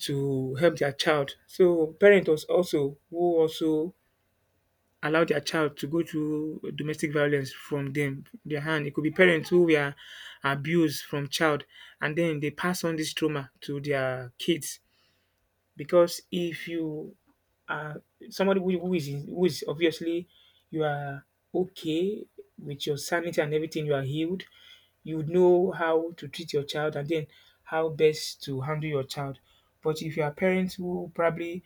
Speaker 2: to help their child. So parents was also who also allow their child to go through domestic violence from them, their hand. It could be parents who were abused from child and then they pass on this trauma to their kids, because if you are somebody who, who is who is obviously, you are okay with your sanity and everything, you are healed, you would know how to treat your child and then how best to handle your child. But if you are parents who probably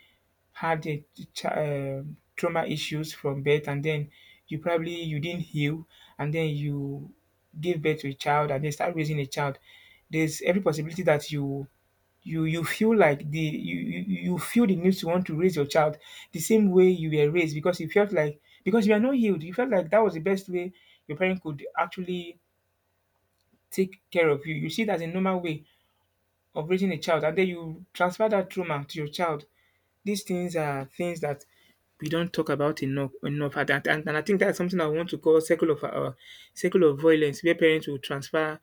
Speaker 2: had a ch- um trauma issues from birth, and then you probably you didn't heal, and then you give birth to a child and then start raising a child, there's every possibility that you you you feel like the you you you feel the need to want to raise your child the same way you were raised, because you felt like, because you are not healed, you felt like that was the best way your parent could actually take care of you. You see it as a normal way of raising a child and then you transfer that trauma to your child. These things are things that we don't talk about enough enough. And, and, and I think that's something I want to call circle of uh, circle of violence where parents will transfer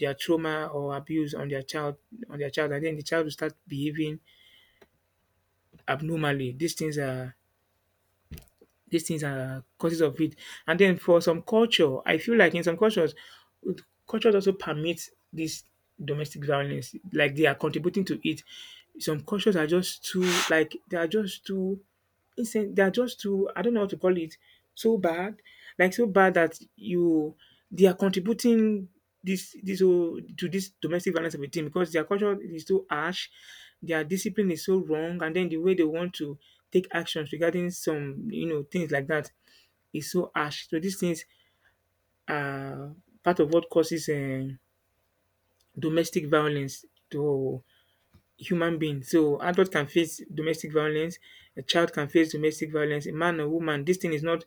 Speaker 2: their trauma or abuse on their child on their child, and then the child will start behaving abnormally. These things are these things are causes of it. And then for some culture, I feel like in some cultures, cultures also permit this domestic violence. Like they are contributing to it. Some cultures are just too like they are just too Listen, they are just too, I don't know how to call it, so bad, like so bad that you, they are contributing this this whole- to this domestic violence of a team because their culture is so harsh, their discipline is so wrong, and then the way they want to take actions regarding some you know things like that is so harsh. So these things are part of what causes um domestic violence to human being. So adult can face domestic violence, a child can face domestic violence, a man or woman. This thing is not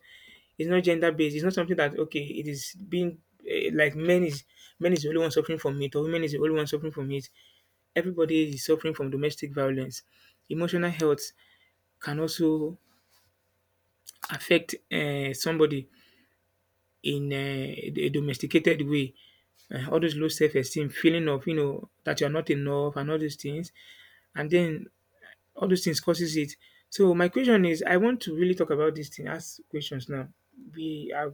Speaker 2: is not gender based. It's not something that okay, it is being eh, like men is men is the only one suffering from it, or women is the only one suffering from it. Everybody is suffering from domestic violence. Emotional health can also affect uh, somebody in uh, a domesticated way. Uh, all those low self-esteem, feeling of you know that you are not enough, and all these things, and then all those things causes it. So my question is, I want to really talk about this thing. Ask questions now. We have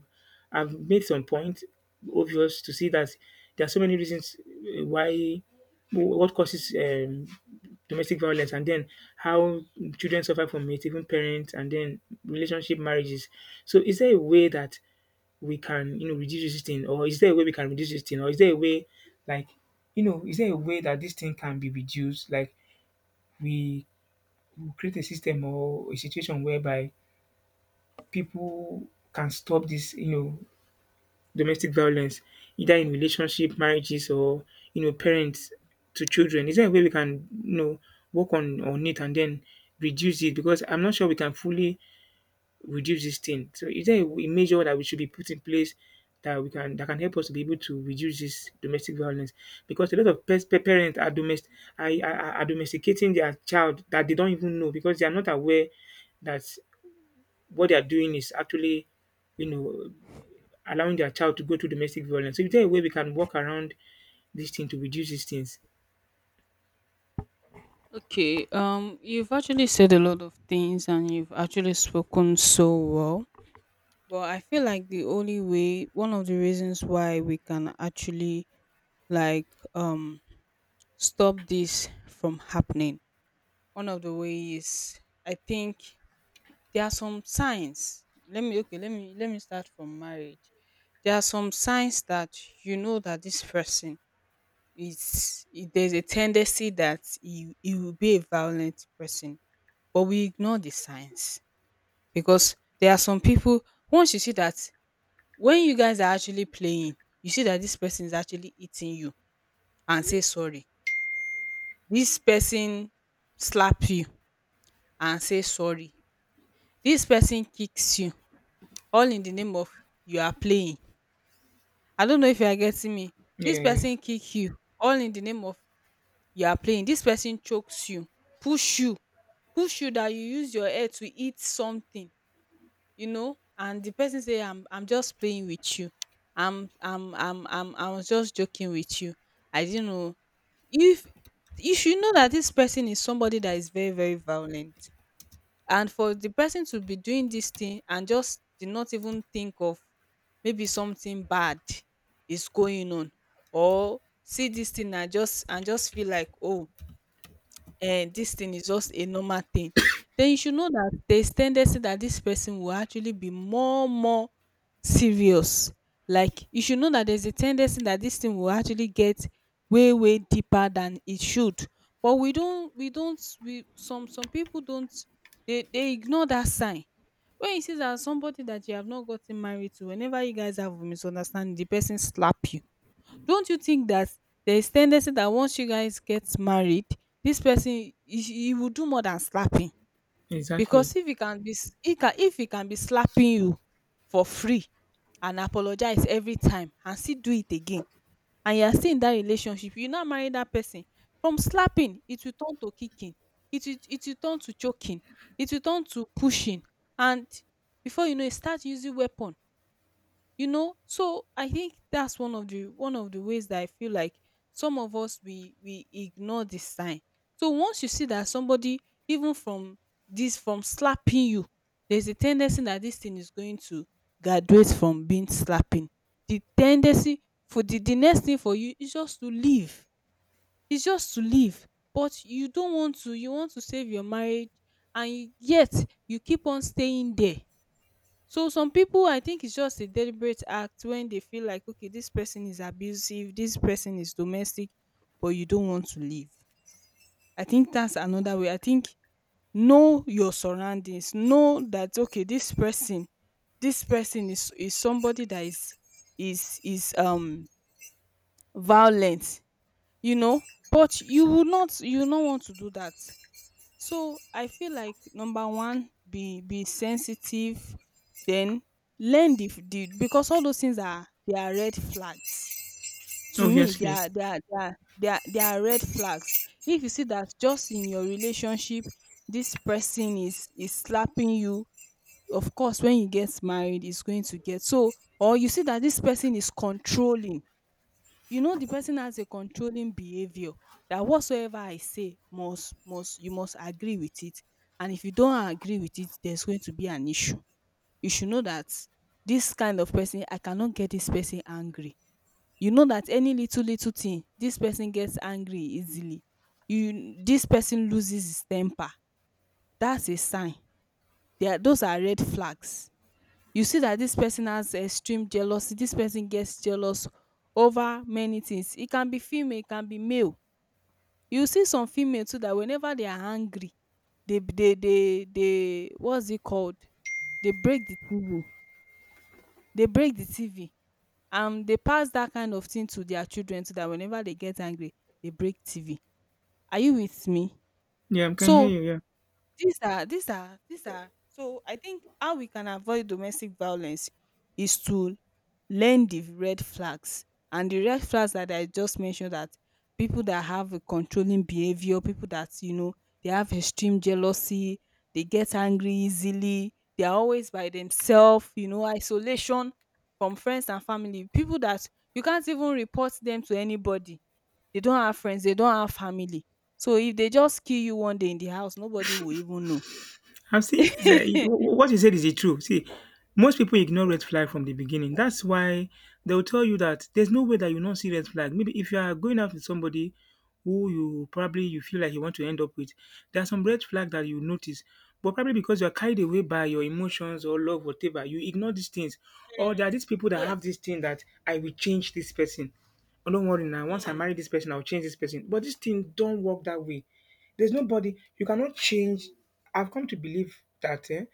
Speaker 2: I've made some point obvious to see that there are so many reasons uh, why what causes um, domestic violence, and then how children suffer from it, even parents, and then relationship marriages. So, is there a way that we can, you know, reduce this thing, or is there a way we can reduce this thing, or is there a way, like, you know, is there a way that this thing can be reduced? Like, we we'll create a system or a situation whereby people can stop this, you know, domestic violence, either in relationship, marriages, or you know, parents to children. Is there a way we can, you know, work on on it and then reduce it? Because I'm not sure we can fully reduce this thing. So is there a w- a measure that we should be put in place that we can that can help us to be able to reduce this domestic violence? Because a lot of pers- pa- parents are domestic, are, are, are domesticating their child that they don't even know because they are not aware that what they are doing is actually, you know, allowing their child to go through domestic violence. So is there a way we can work around this thing to reduce these things?
Speaker 1: Okay. Um, you've actually said a lot of things and you've actually spoken so well. But I feel like the only way, one of the reasons why we can actually like um stop this from happening, one of the ways I think there are some signs. Let me okay, let me let me start from marriage. There are some signs that you know that this person is i- there's a tendency that he, he will be a violent person, but we ignore the signs because there are some people once you see that when you guys are actually playing, you see that this person is actually eating you and say sorry. This person slap you and say sorry. This person kicks you all in the name of you are playing. I don't know if you are getting me. This
Speaker 2: Yeah, yeah.
Speaker 1: person kick you all in the name of you are playing. This person chokes you, push you, push you that you use your head to eat something, you know, and the person say I'm I'm just playing with you. I'm I'm I'm I'm I was just joking with you. I didn't know if if you know that this person is somebody that is very very violent. And for the person to be doing this thing and just did not even think of maybe something bad is going on, or see this thing and just and just feel like oh um this thing is just a normal thing, then you should know that there is tendency that this person will actually be more more serious. Like you should know that there's a tendency that this thing will actually get way way deeper than it should. But we don't we don't we some some people don't, they they ignore that sign. When you see that somebody that you have not gotten married to, whenever you guys have a misunderstanding, the person slap you. Don't you think that there's tendency that once you guys get married, this person, he, he will do more than slapping?
Speaker 2: Exactly.
Speaker 1: Because if he can be s- he can, if he can be slapping you for free and apologize every time and still do it again, and you are still in that relationship, you now marry that person. From slapping, it will turn to kicking, it will, it will turn to choking, it will turn to pushing, and before you know, it start using weapon. You know, so I think that's one of the one of the ways that I feel like some of us we we ignore the sign. So once you see that somebody, even from this, from slapping you, there's a tendency that this thing is going to graduate from being slapping. The tendency for the, the next thing for you is just to leave, it's just to leave, but you don't want to you want to save your marriage, and you, yet you keep on staying there. So some people, I think it's just a deliberate act when they feel like, okay, this person is abusive, this person is domestic, but you don't want to leave. I think that's another way. I think know your surroundings. Know that okay, this person, this person is is somebody that is is is um violent. You know, but you will not, you will not want to do that. So I feel like number one, be be sensitive, then learn the, f- the because all those things are, they are red flags. To me, they
Speaker 2: Obviously.
Speaker 1: are they are they are they are, they are red flags. If you see that just in your relationship, this person is is slapping you, of course, when you get married, it's going to get so. Or you see that this person is controlling, you know the person has a controlling behavior that whatsoever I say must must you must agree with it, and if you don't agree with it, there's going to be an issue. You should know that this kind of person, I cannot get this person angry. You know that any little little thing, this person gets angry easily. You, this person loses his temper. That's a sign. There are, those are red flags. You see that this person has extreme jealousy, this person gets jealous over many things. It can be female, it can be male. You see some female too that whenever they are angry, they they they they what's it called, they break the TV, they break the TV, and they pass that kind of thing to their children, so that whenever they get angry, they break TV. Are you with me?
Speaker 2: Yeah, I can hear
Speaker 1: So
Speaker 2: you, yeah.
Speaker 1: These are these are these are so I think how we can avoid domestic violence is to learn the red flags, and the red flags that I just mentioned, that people that have a controlling behavior, people that you know they have extreme jealousy, they get angry easily, they are always by themselves, you know, isolation from friends and family, people that you can't even report them to anybody, they don't have friends, they don't have family. So if they just kill you one day in the house, nobody will even know.
Speaker 2: I've seen is a- wh- What you said is it true. See, most people ignore red flag from the beginning. That's why they'll tell you that there's no way that you not see red flag. Maybe if you are going out with somebody who you probably you feel like you want to end up with, there are some red flag that you notice. But probably because you are carried away by your emotions or love, whatever, you ignore these things. Or there are these people that have
Speaker 1: Yes.
Speaker 2: this thing that I will change this person. Oh, don't worry now. Once I
Speaker 1: Hmm.
Speaker 2: marry this person, I'll change this person. But this thing don't work that way. There's nobody you cannot change. I've come to believe that eh,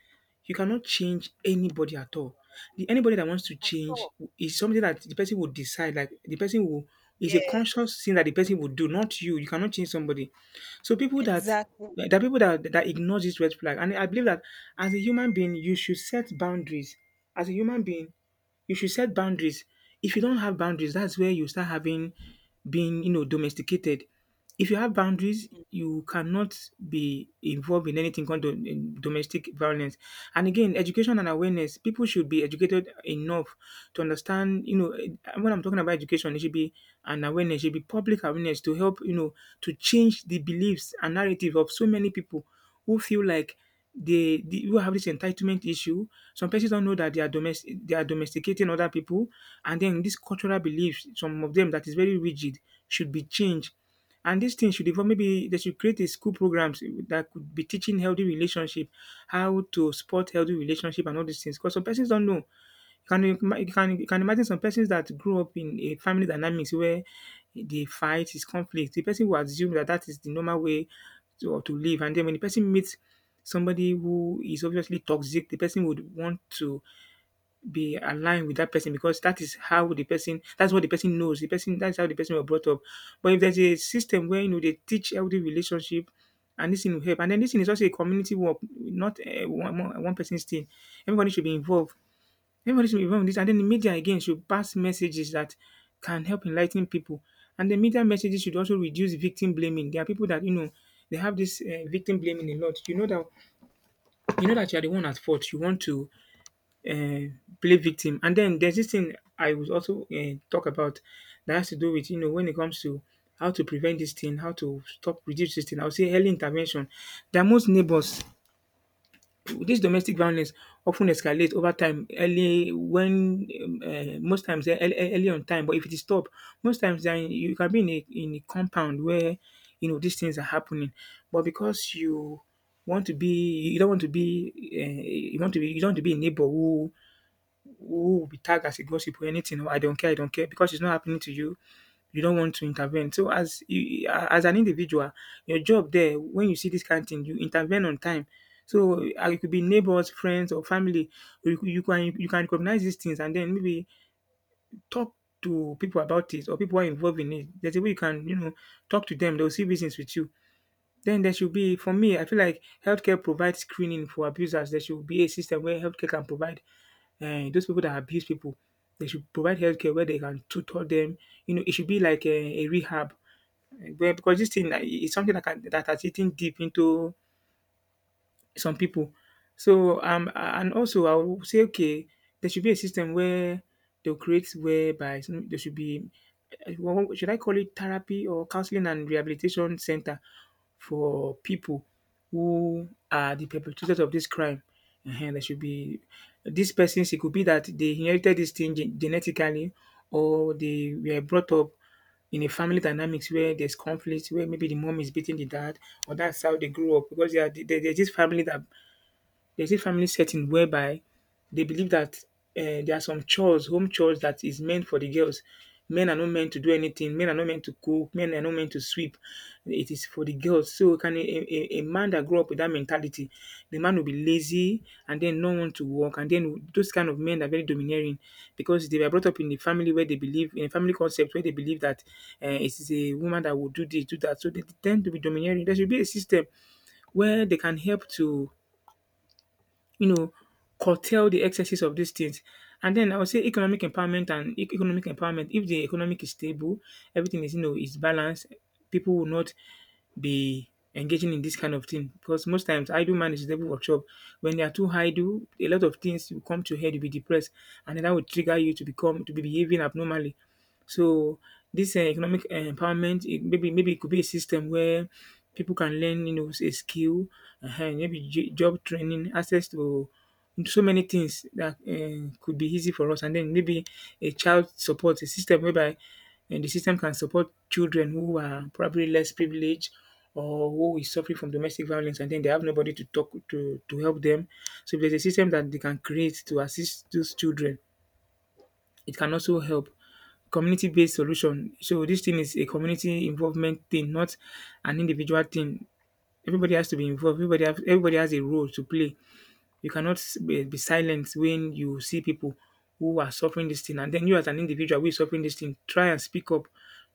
Speaker 2: you cannot change anybody at all. The anybody that wants to
Speaker 1: At
Speaker 2: change
Speaker 1: all.
Speaker 2: is something that the person will decide. Like the person will is a
Speaker 1: Yes.
Speaker 2: conscious thing that the person will do, not you. You cannot change somebody. So people that
Speaker 1: Exactly.
Speaker 2: there are people that that ignore this red flag, and I believe that as a human being, you should set boundaries. As a human being, you should set boundaries. If you don't have boundaries, that's where you start having being, you know, domesticated. If you have boundaries,
Speaker 1: Mm.
Speaker 2: you cannot be involved in anything called do- in domestic violence. And again, education and awareness. People should be educated enough to understand, you know, eh, when I'm talking about education, it should be an awareness, it should be public awareness to help, you know, to change the beliefs and narrative of so many people who feel like they, they who have this entitlement issue. Some persons don't know that they are domestic they are domesticating other people, and then these cultural beliefs, some of them that is very rigid, should be changed. And these things should evolve. Maybe they should create a school programs that could be teaching healthy relationship, how to support healthy relationship and all these things. Because some persons don't know. Can you ima you can you can imagine some persons that grew up in a family dynamics where the fight is conflict, the person will assume that that is the normal way to to live, and then when the person meets somebody who is obviously toxic, the person would want to be aligned with that person because that is how the person that's what the person knows, the person that's how the person was brought up. But if there's a system where, you know, they teach healthy relationship, and this thing will help, and then this thing is also a community work, not, eh, one one one person's thing. Everybody should be involved. Everybody should be involved in this, and then the media again should pass messages that can help enlighten people. And the media messages should also reduce victim blaming. There are people that, you know, they have this uh, victim blaming a lot. You know that you know that you are the one at fault. You want to uh, play victim. And then there's this thing I would also uh, talk about that has to do with, you know, when it comes to how to prevent this thing, how to stop, reduce this thing. I would say early intervention. There are most neighbors this domestic violence often ten escalate over time early when um uh, most times ear early early on time, but if it is stopped, most times then you can be in a in a compound where you know these things are happening, but because you want to be you don't want to be um you want to be you don't want to be a neighbor who who will be tagged as a gossip or anything. I don't care. I don't care because it's not happening to you. You don't want to intervene. So as you, as an individual, your job there when you see this kind of thing, you intervene on time. So uh, it could be neighbors, friends, or family. You, you can you can recognize these things, and then maybe talk to people about it or people who are involved in it. There's a way you can you know talk to them. They'll see business with you. Then there should be for me. I feel like healthcare provides screening for abusers. There should be a system where healthcare can provide um those people that abuse people, they should provide healthcare where they can tutor them. You know, it should be like a, a rehab. Eh, Well, because this thing like, is something that can, that has eaten deep into some people. So, um, and also I will say, okay, there should be a system where they'll create whereby you there should be, eh, what- should I call it therapy or counseling and rehabilitation center for people who are the perpetrators of this crime. And there should be these persons, it could be that they inherited this thing gen- genetically, or they were brought up in a family dynamics where there's conflict, where maybe the mom is beating the dad, or that's how they grew up because they are, there- there's this family that there's a family setting whereby they believe that uh, there are some chores, home chores that is meant for the girls. Men are not meant to do anything. Men are not meant to cook. Men are not meant to sweep. It is for the girls. So can a, a, a man that grew up with that mentality, the man will be lazy and then no one to work. And then those kind of men are very domineering because they were brought up in a family where they believe in a family concept where they believe that uh, it is a woman that will do this, do that. So they tend to be domineering. There should be a system where they can help to you know, curtail the excesses of these things. And then I would say economic empowerment and e- economic empowerment. If the economic is stable, everything is you know is balanced. People will not be engaging in this kind of thing because most times idle man is devil workshop. When they are too idle, a lot of things will come to your head. You'll be depressed, and then that will trigger you to become to be behaving abnormally. So this um economic um empowerment, it maybe maybe it could be a system where people can learn, you know, a skill, um maybe j- job training, access to so many things that um could be easy for us. And then maybe a child support, a system whereby um the system can support children who are probably less privileged or who is suffering from domestic violence, and then they have nobody to talk to to help them. So there's a system that they can create to assist those children, it can also help. Community-based solution. So this thing is a community involvement thing, not an individual thing. Everybody has to be involved. Everybody have everybody has a role to play. You cannot s- be be silent when you see people who are suffering this thing, and then you as an individual who is suffering this thing, try and speak up.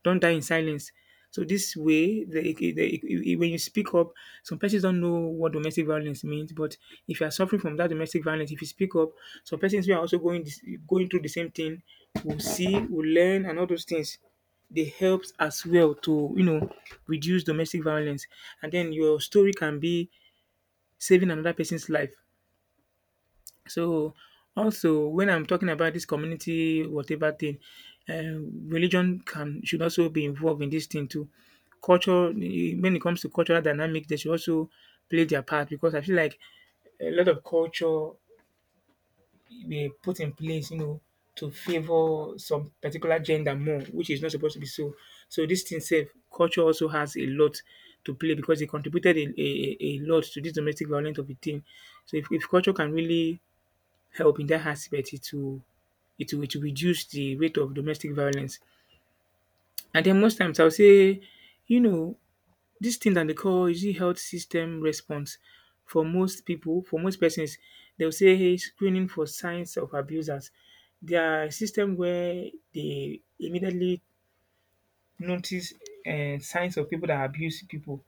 Speaker 2: Don't die in silence. So this way, the, the, the- when you speak up, some persons don't know what domestic violence means. But if you are suffering from that domestic violence, if you speak up, some persons who are also going this, going through the same thing will see, will learn, and all those things. They help as well to, you know, reduce domestic violence, and then your story can be saving another person's life. So, also when I'm talking about this community whatever thing, um, religion can should also be involved in this thing too. Culture, eh, when it comes to cultural dynamic, they should also play their part because I feel like a lot of culture they put in place, you know, to favor some particular gender more, which is not supposed to be so. So this thing safe, culture also has a lot to play because it contributed a, a, a a lot to this domestic violence of a thing. So if, if culture can really help in that aspect, it will it will it will reduce the rate of domestic violence. And then most times I will say, you know, this thing that they call is it health system response for most people, for most persons, they'll say hey, screening for signs of abusers. Their system where they immediately notice uh, signs of people that abuse people.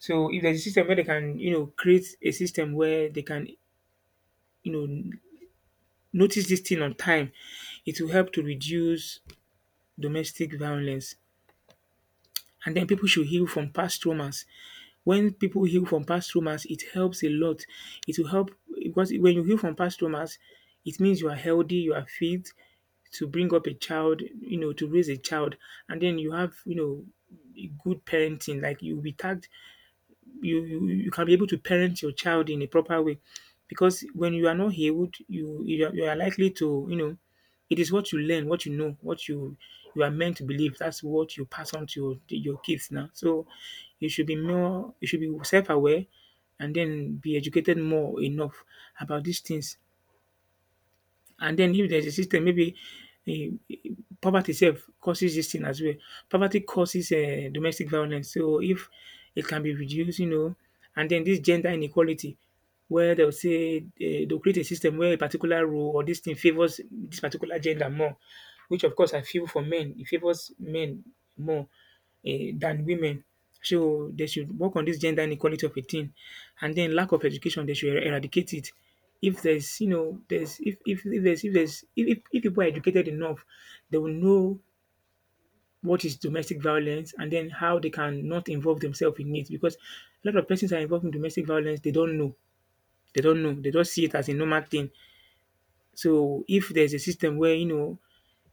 Speaker 2: So if there's a system where they can, you know, create a system where they can, you know, notice this thing on time, it will help to reduce domestic violence. And then people should heal from past traumas. When people heal from past traumas, it helps a lot. It will help because when you heal from past traumas, it means you are healthy, you are fit to bring up a child, you know, to raise a child, and then you have, you know, good parenting. Like you'll be tagged, you you you can be able to parent your child in a proper way because when you are not healed, you you are, you are likely to, you know, it is what you learn what you know what you you are meant to believe, that's what you pass on to your, to your kids now, so you should be more you should be self-aware, and then be educated more enough about these things, and then if there's a system, maybe eh, poverty itself causes this thing as well. Poverty causes uh, domestic violence. So if it can be reduced, you know, and then this gender inequality, where they'll say uh, they'll create a system where a particular role or this thing favors this particular gender more, which of course I feel for men, it favors men more, eh, than women. So they should work on this gender inequality of a thing, and then lack of education, they should er-, eradicate it. If there's you know there's, if if, if there's if there's if, if, if people are educated enough, they will know what is domestic violence and then how they can not involve themselves in it, because a lot of persons are involved in domestic violence, they don't know they don't know, they just see it as a normal thing. So if there's a system where, you know,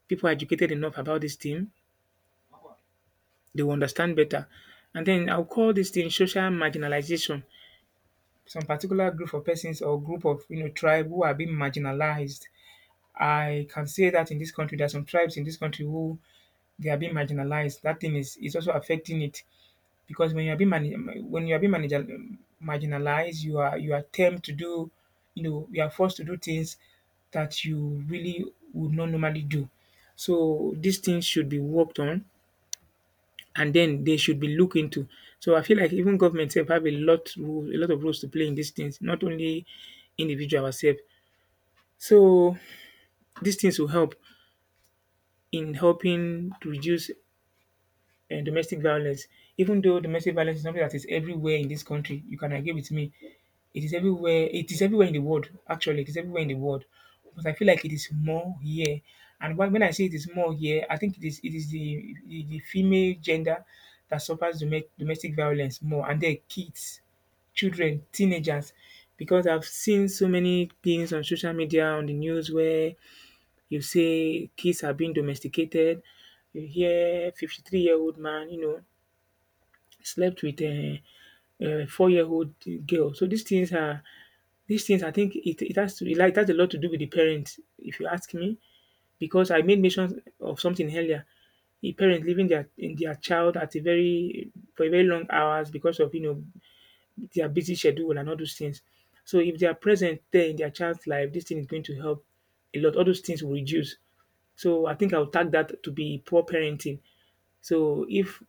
Speaker 2: people are educated enough about this thing, they will understand better. And then I'll call this thing social marginalization, some particular group of persons or group of, you know, tribe who are being marginalized. I can say that in this country there are some tribes in this country who they are being marginalized. That thing is is also affecting it, because when you are being mani- when you are being manager, marginalized, you are you are tempted to do, you know, you are forced to do things that you really would not normally do. So these things should be worked on, and then they should be looked into. So I feel like even government sef have a lot role a lot of roles to play in these things, not only individual ourself. So these things will help in helping to reduce um domestic violence. Even though domestic violence is something that is everywhere in this country, you can agree with me. It is everywhere. It is everywhere in the world. Actually, it is everywhere in the world, but I feel like it is more here. And when when I say it is more here, I think it is it is the the, the female gender that suffers domes- domestic violence more, and their kids, children, teenagers, because I've seen so many things on social media, on the news where you say kids are being domesticated. You hear fifty-three-year-old man, you know, slept with a, a four-year-old girl. So these things are these things, I think it it has to it like it has a lot to do with the parents if you ask me, because I made mention of something earlier. The parents leaving their in their child at a very for a very long hours because of, you know, their busy schedule and all those things. So if they are present there in their child's life, this thing is going to help a lot. All those things will reduce. So I think I'll tag that to be poor parenting. So if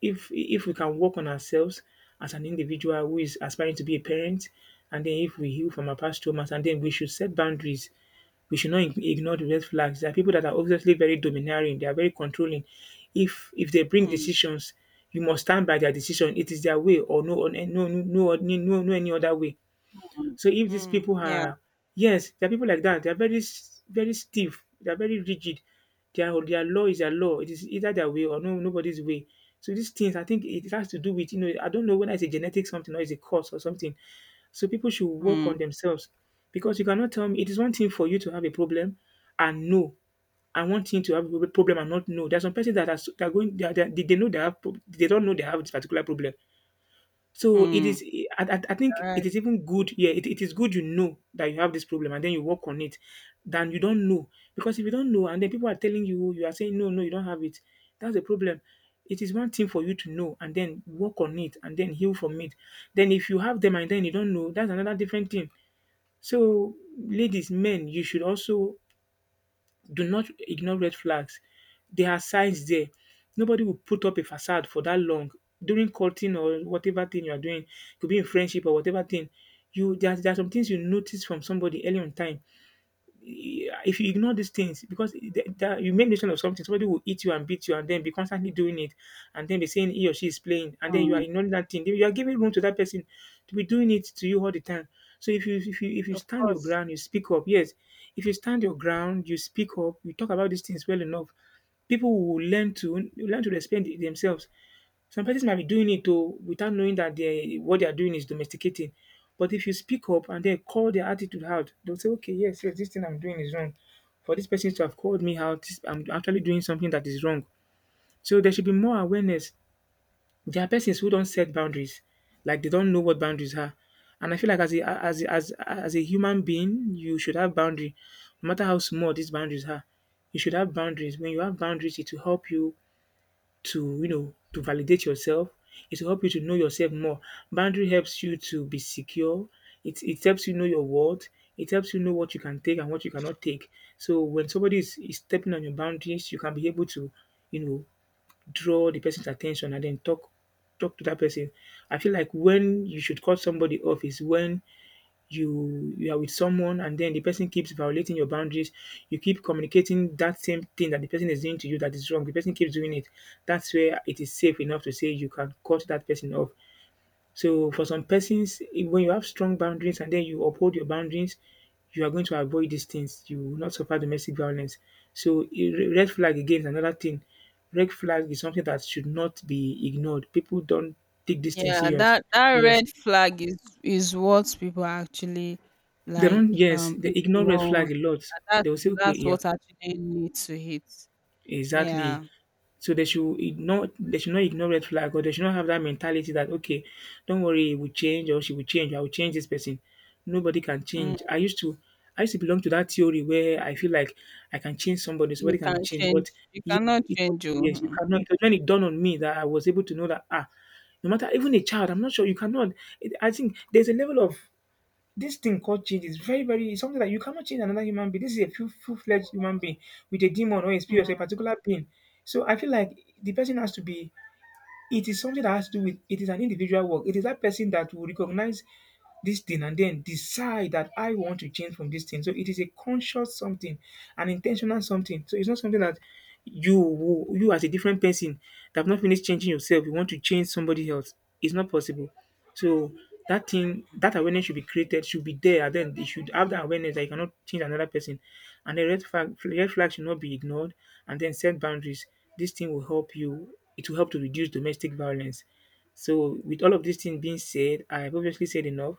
Speaker 2: if if we can work on ourselves as an individual who is aspiring to be a parent, and then if we heal from our past traumas, and then we should set boundaries. We should not ig- ignore the red flags. There are people that are obviously very domineering. They are very controlling. If if they bring
Speaker 1: Mm,
Speaker 2: decisions, you must stand by their decision. It is their way, or no, no, no, no, no, no, no any other way.
Speaker 1: mm,
Speaker 2: So if these
Speaker 1: mm,
Speaker 2: people
Speaker 1: yeah,
Speaker 2: are, yes, there are people like that. They are very, s- very stiff. They are very rigid. Their their law is their law. It is either their way or no nobody's way. So these things, I think it has to do with, you know, I don't know whether it's a genetic something or it's a cause or something. So people should work
Speaker 1: mm,
Speaker 2: on themselves, because you cannot tell me, it is one thing for you to have a problem and know, and one thing to have a problem and not know. There are some persons that are, so- that are going, they, are, they, they know they have, prob- they don't know they have this particular problem. So it
Speaker 1: mm. All
Speaker 2: is, I, I I think it
Speaker 1: right.
Speaker 2: is even good. Yeah, it, it is good, you know, that you have this problem and then you work on it, than you don't know. Because if you don't know and then people are telling you, you are saying, no, no, you don't have it, that's the problem. It is one thing for you to know and then work on it and then heal from it. Then if you have them and then you don't know, that's another different thing. So, ladies, men, you should also do not ignore red flags. There are signs there. Nobody will put up a facade for that long. During courting or whatever thing you are doing, could be in friendship or whatever thing, you there are, there are some things you notice from somebody early on time. If you ignore these things, because the- the- you make mention of something, somebody will eat you and beat you, and then be constantly doing it, and then be saying he or she is playing, and then you are
Speaker 1: Mm,
Speaker 2: ignoring that thing. Then you are giving room to that person to be doing it to you all the time. So if you if you if you
Speaker 1: of
Speaker 2: stand your
Speaker 1: course.
Speaker 2: ground, you speak up. Yes, if you stand your ground, you speak up. You talk about these things well enough. People will learn to learn to respect themselves. Some persons might be doing it oh without knowing that they what they are doing is domesticating. But if you speak up and then call their attitude out, they'll say, "Okay, yes, yes, this thing I'm doing is wrong. For this person to have called me out, this- I'm actually doing something that is wrong." So there should be more awareness. There are persons who don't set boundaries, like they don't know what boundaries are. And I feel like as a as a, as as a human being, you should have boundary, no matter how small these boundaries are. You should have boundaries. When you have boundaries, it will help you to you know to validate yourself. It will help you to know yourself more. Boundary helps you to be secure. It it helps you know your worth. It helps you know what you can take and what you cannot take. So when somebody is, is stepping on your boundaries, you can be able to, you know, draw the person's attention and then talk talk to that person. I feel like when you should cut somebody off is when you you are with someone and then the person keeps violating your boundaries, you keep communicating that same thing that the person is doing to you, that is wrong, the person keeps doing it, that's where it is safe enough to say you can cut that person off. So for some persons, eh, when you have strong boundaries and then you uphold your boundaries, you are going to avoid these things, you will not suffer domestic violence. So eh, re- red flag again is another thing. Red flag is something that should not be ignored, people don't take this thing
Speaker 1: Yeah,
Speaker 2: serious.
Speaker 1: that that
Speaker 2: Yes,
Speaker 1: red flag is is what people actually
Speaker 2: they
Speaker 1: like
Speaker 2: don't, yes,
Speaker 1: um
Speaker 2: they ignore red
Speaker 1: ignore. And
Speaker 2: flag a lot. They
Speaker 1: That's
Speaker 2: will say, "Okay,
Speaker 1: that's
Speaker 2: yeah,
Speaker 1: what actually need to hit.
Speaker 2: exactly."
Speaker 1: Yeah.
Speaker 2: So they should ignore they should not ignore red flag, or they should not have that mentality that, okay, don't worry, it will change, or she will change, I will change this person. Nobody can
Speaker 1: Mm,
Speaker 2: change. I used to I used to belong to that theory where I feel like I can change somebody, somebody
Speaker 1: you
Speaker 2: can be
Speaker 1: can
Speaker 2: changed.
Speaker 1: change.
Speaker 2: But
Speaker 1: You
Speaker 2: yes,
Speaker 1: cannot
Speaker 2: it
Speaker 1: change.
Speaker 2: yes, you
Speaker 1: Oh.
Speaker 2: cannot. It was when it dawned on me that I was able to know that, ah, no matter, even a child, I'm not sure you cannot it, I think there's a level of, this thing called change is very, very it's something that you cannot change another human being. This is a full full fledged human being with a demon or a
Speaker 1: Hmm.
Speaker 2: spirit or a particular pain. So I feel like the person has to be. It is something that has to do with. It is an individual work. It is that person that will recognize this thing and then decide that I want to change from this thing. So it is a conscious something, an intentional something. So it's not something that you will- you, as a different person that have not finished changing yourself, you want to change somebody else. It's not possible. So that thing, that awareness should be created, should be there, and then you should have that awareness that you cannot change another person. And the red flag, red flag should not be ignored, and then set boundaries. This thing will help you. It will help to reduce domestic violence. So, with all of these things being said, I've obviously said enough.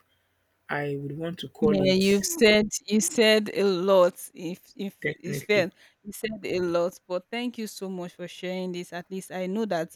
Speaker 2: I would want to call
Speaker 1: Yeah,
Speaker 2: it.
Speaker 1: you've said you said a lot. If if if
Speaker 2: Definitely.
Speaker 1: fair, you said a lot, but thank you so much for sharing this. At least I know that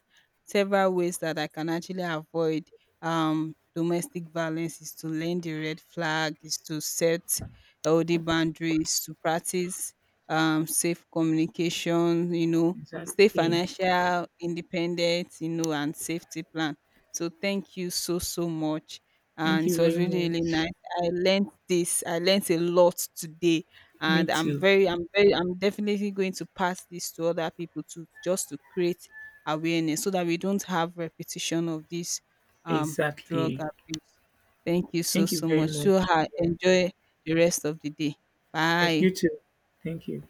Speaker 1: several ways that I can actually avoid um domestic violence is to learn the red flag, is to set healthy boundaries, to practice um safe communication, you know, stay
Speaker 2: Exactly.
Speaker 1: financial independent, you know, and safety plan. So thank you so so much,
Speaker 2: Thank
Speaker 1: and
Speaker 2: you
Speaker 1: it was
Speaker 2: very
Speaker 1: really really
Speaker 2: much.
Speaker 1: nice. I learned this. I learned a lot today,
Speaker 2: Me
Speaker 1: and I'm
Speaker 2: too.
Speaker 1: very, I'm very, I'm definitely going to pass this to other people to just to create awareness so that we don't have repetition of this um drug
Speaker 2: Exactly.
Speaker 1: abuse. Thank you so
Speaker 2: Thank you
Speaker 1: so
Speaker 2: very
Speaker 1: much. So
Speaker 2: much.
Speaker 1: ha-
Speaker 2: Yeah.
Speaker 1: enjoy the rest of the day.
Speaker 2: Thank
Speaker 1: Bye.
Speaker 2: you too. Thank you.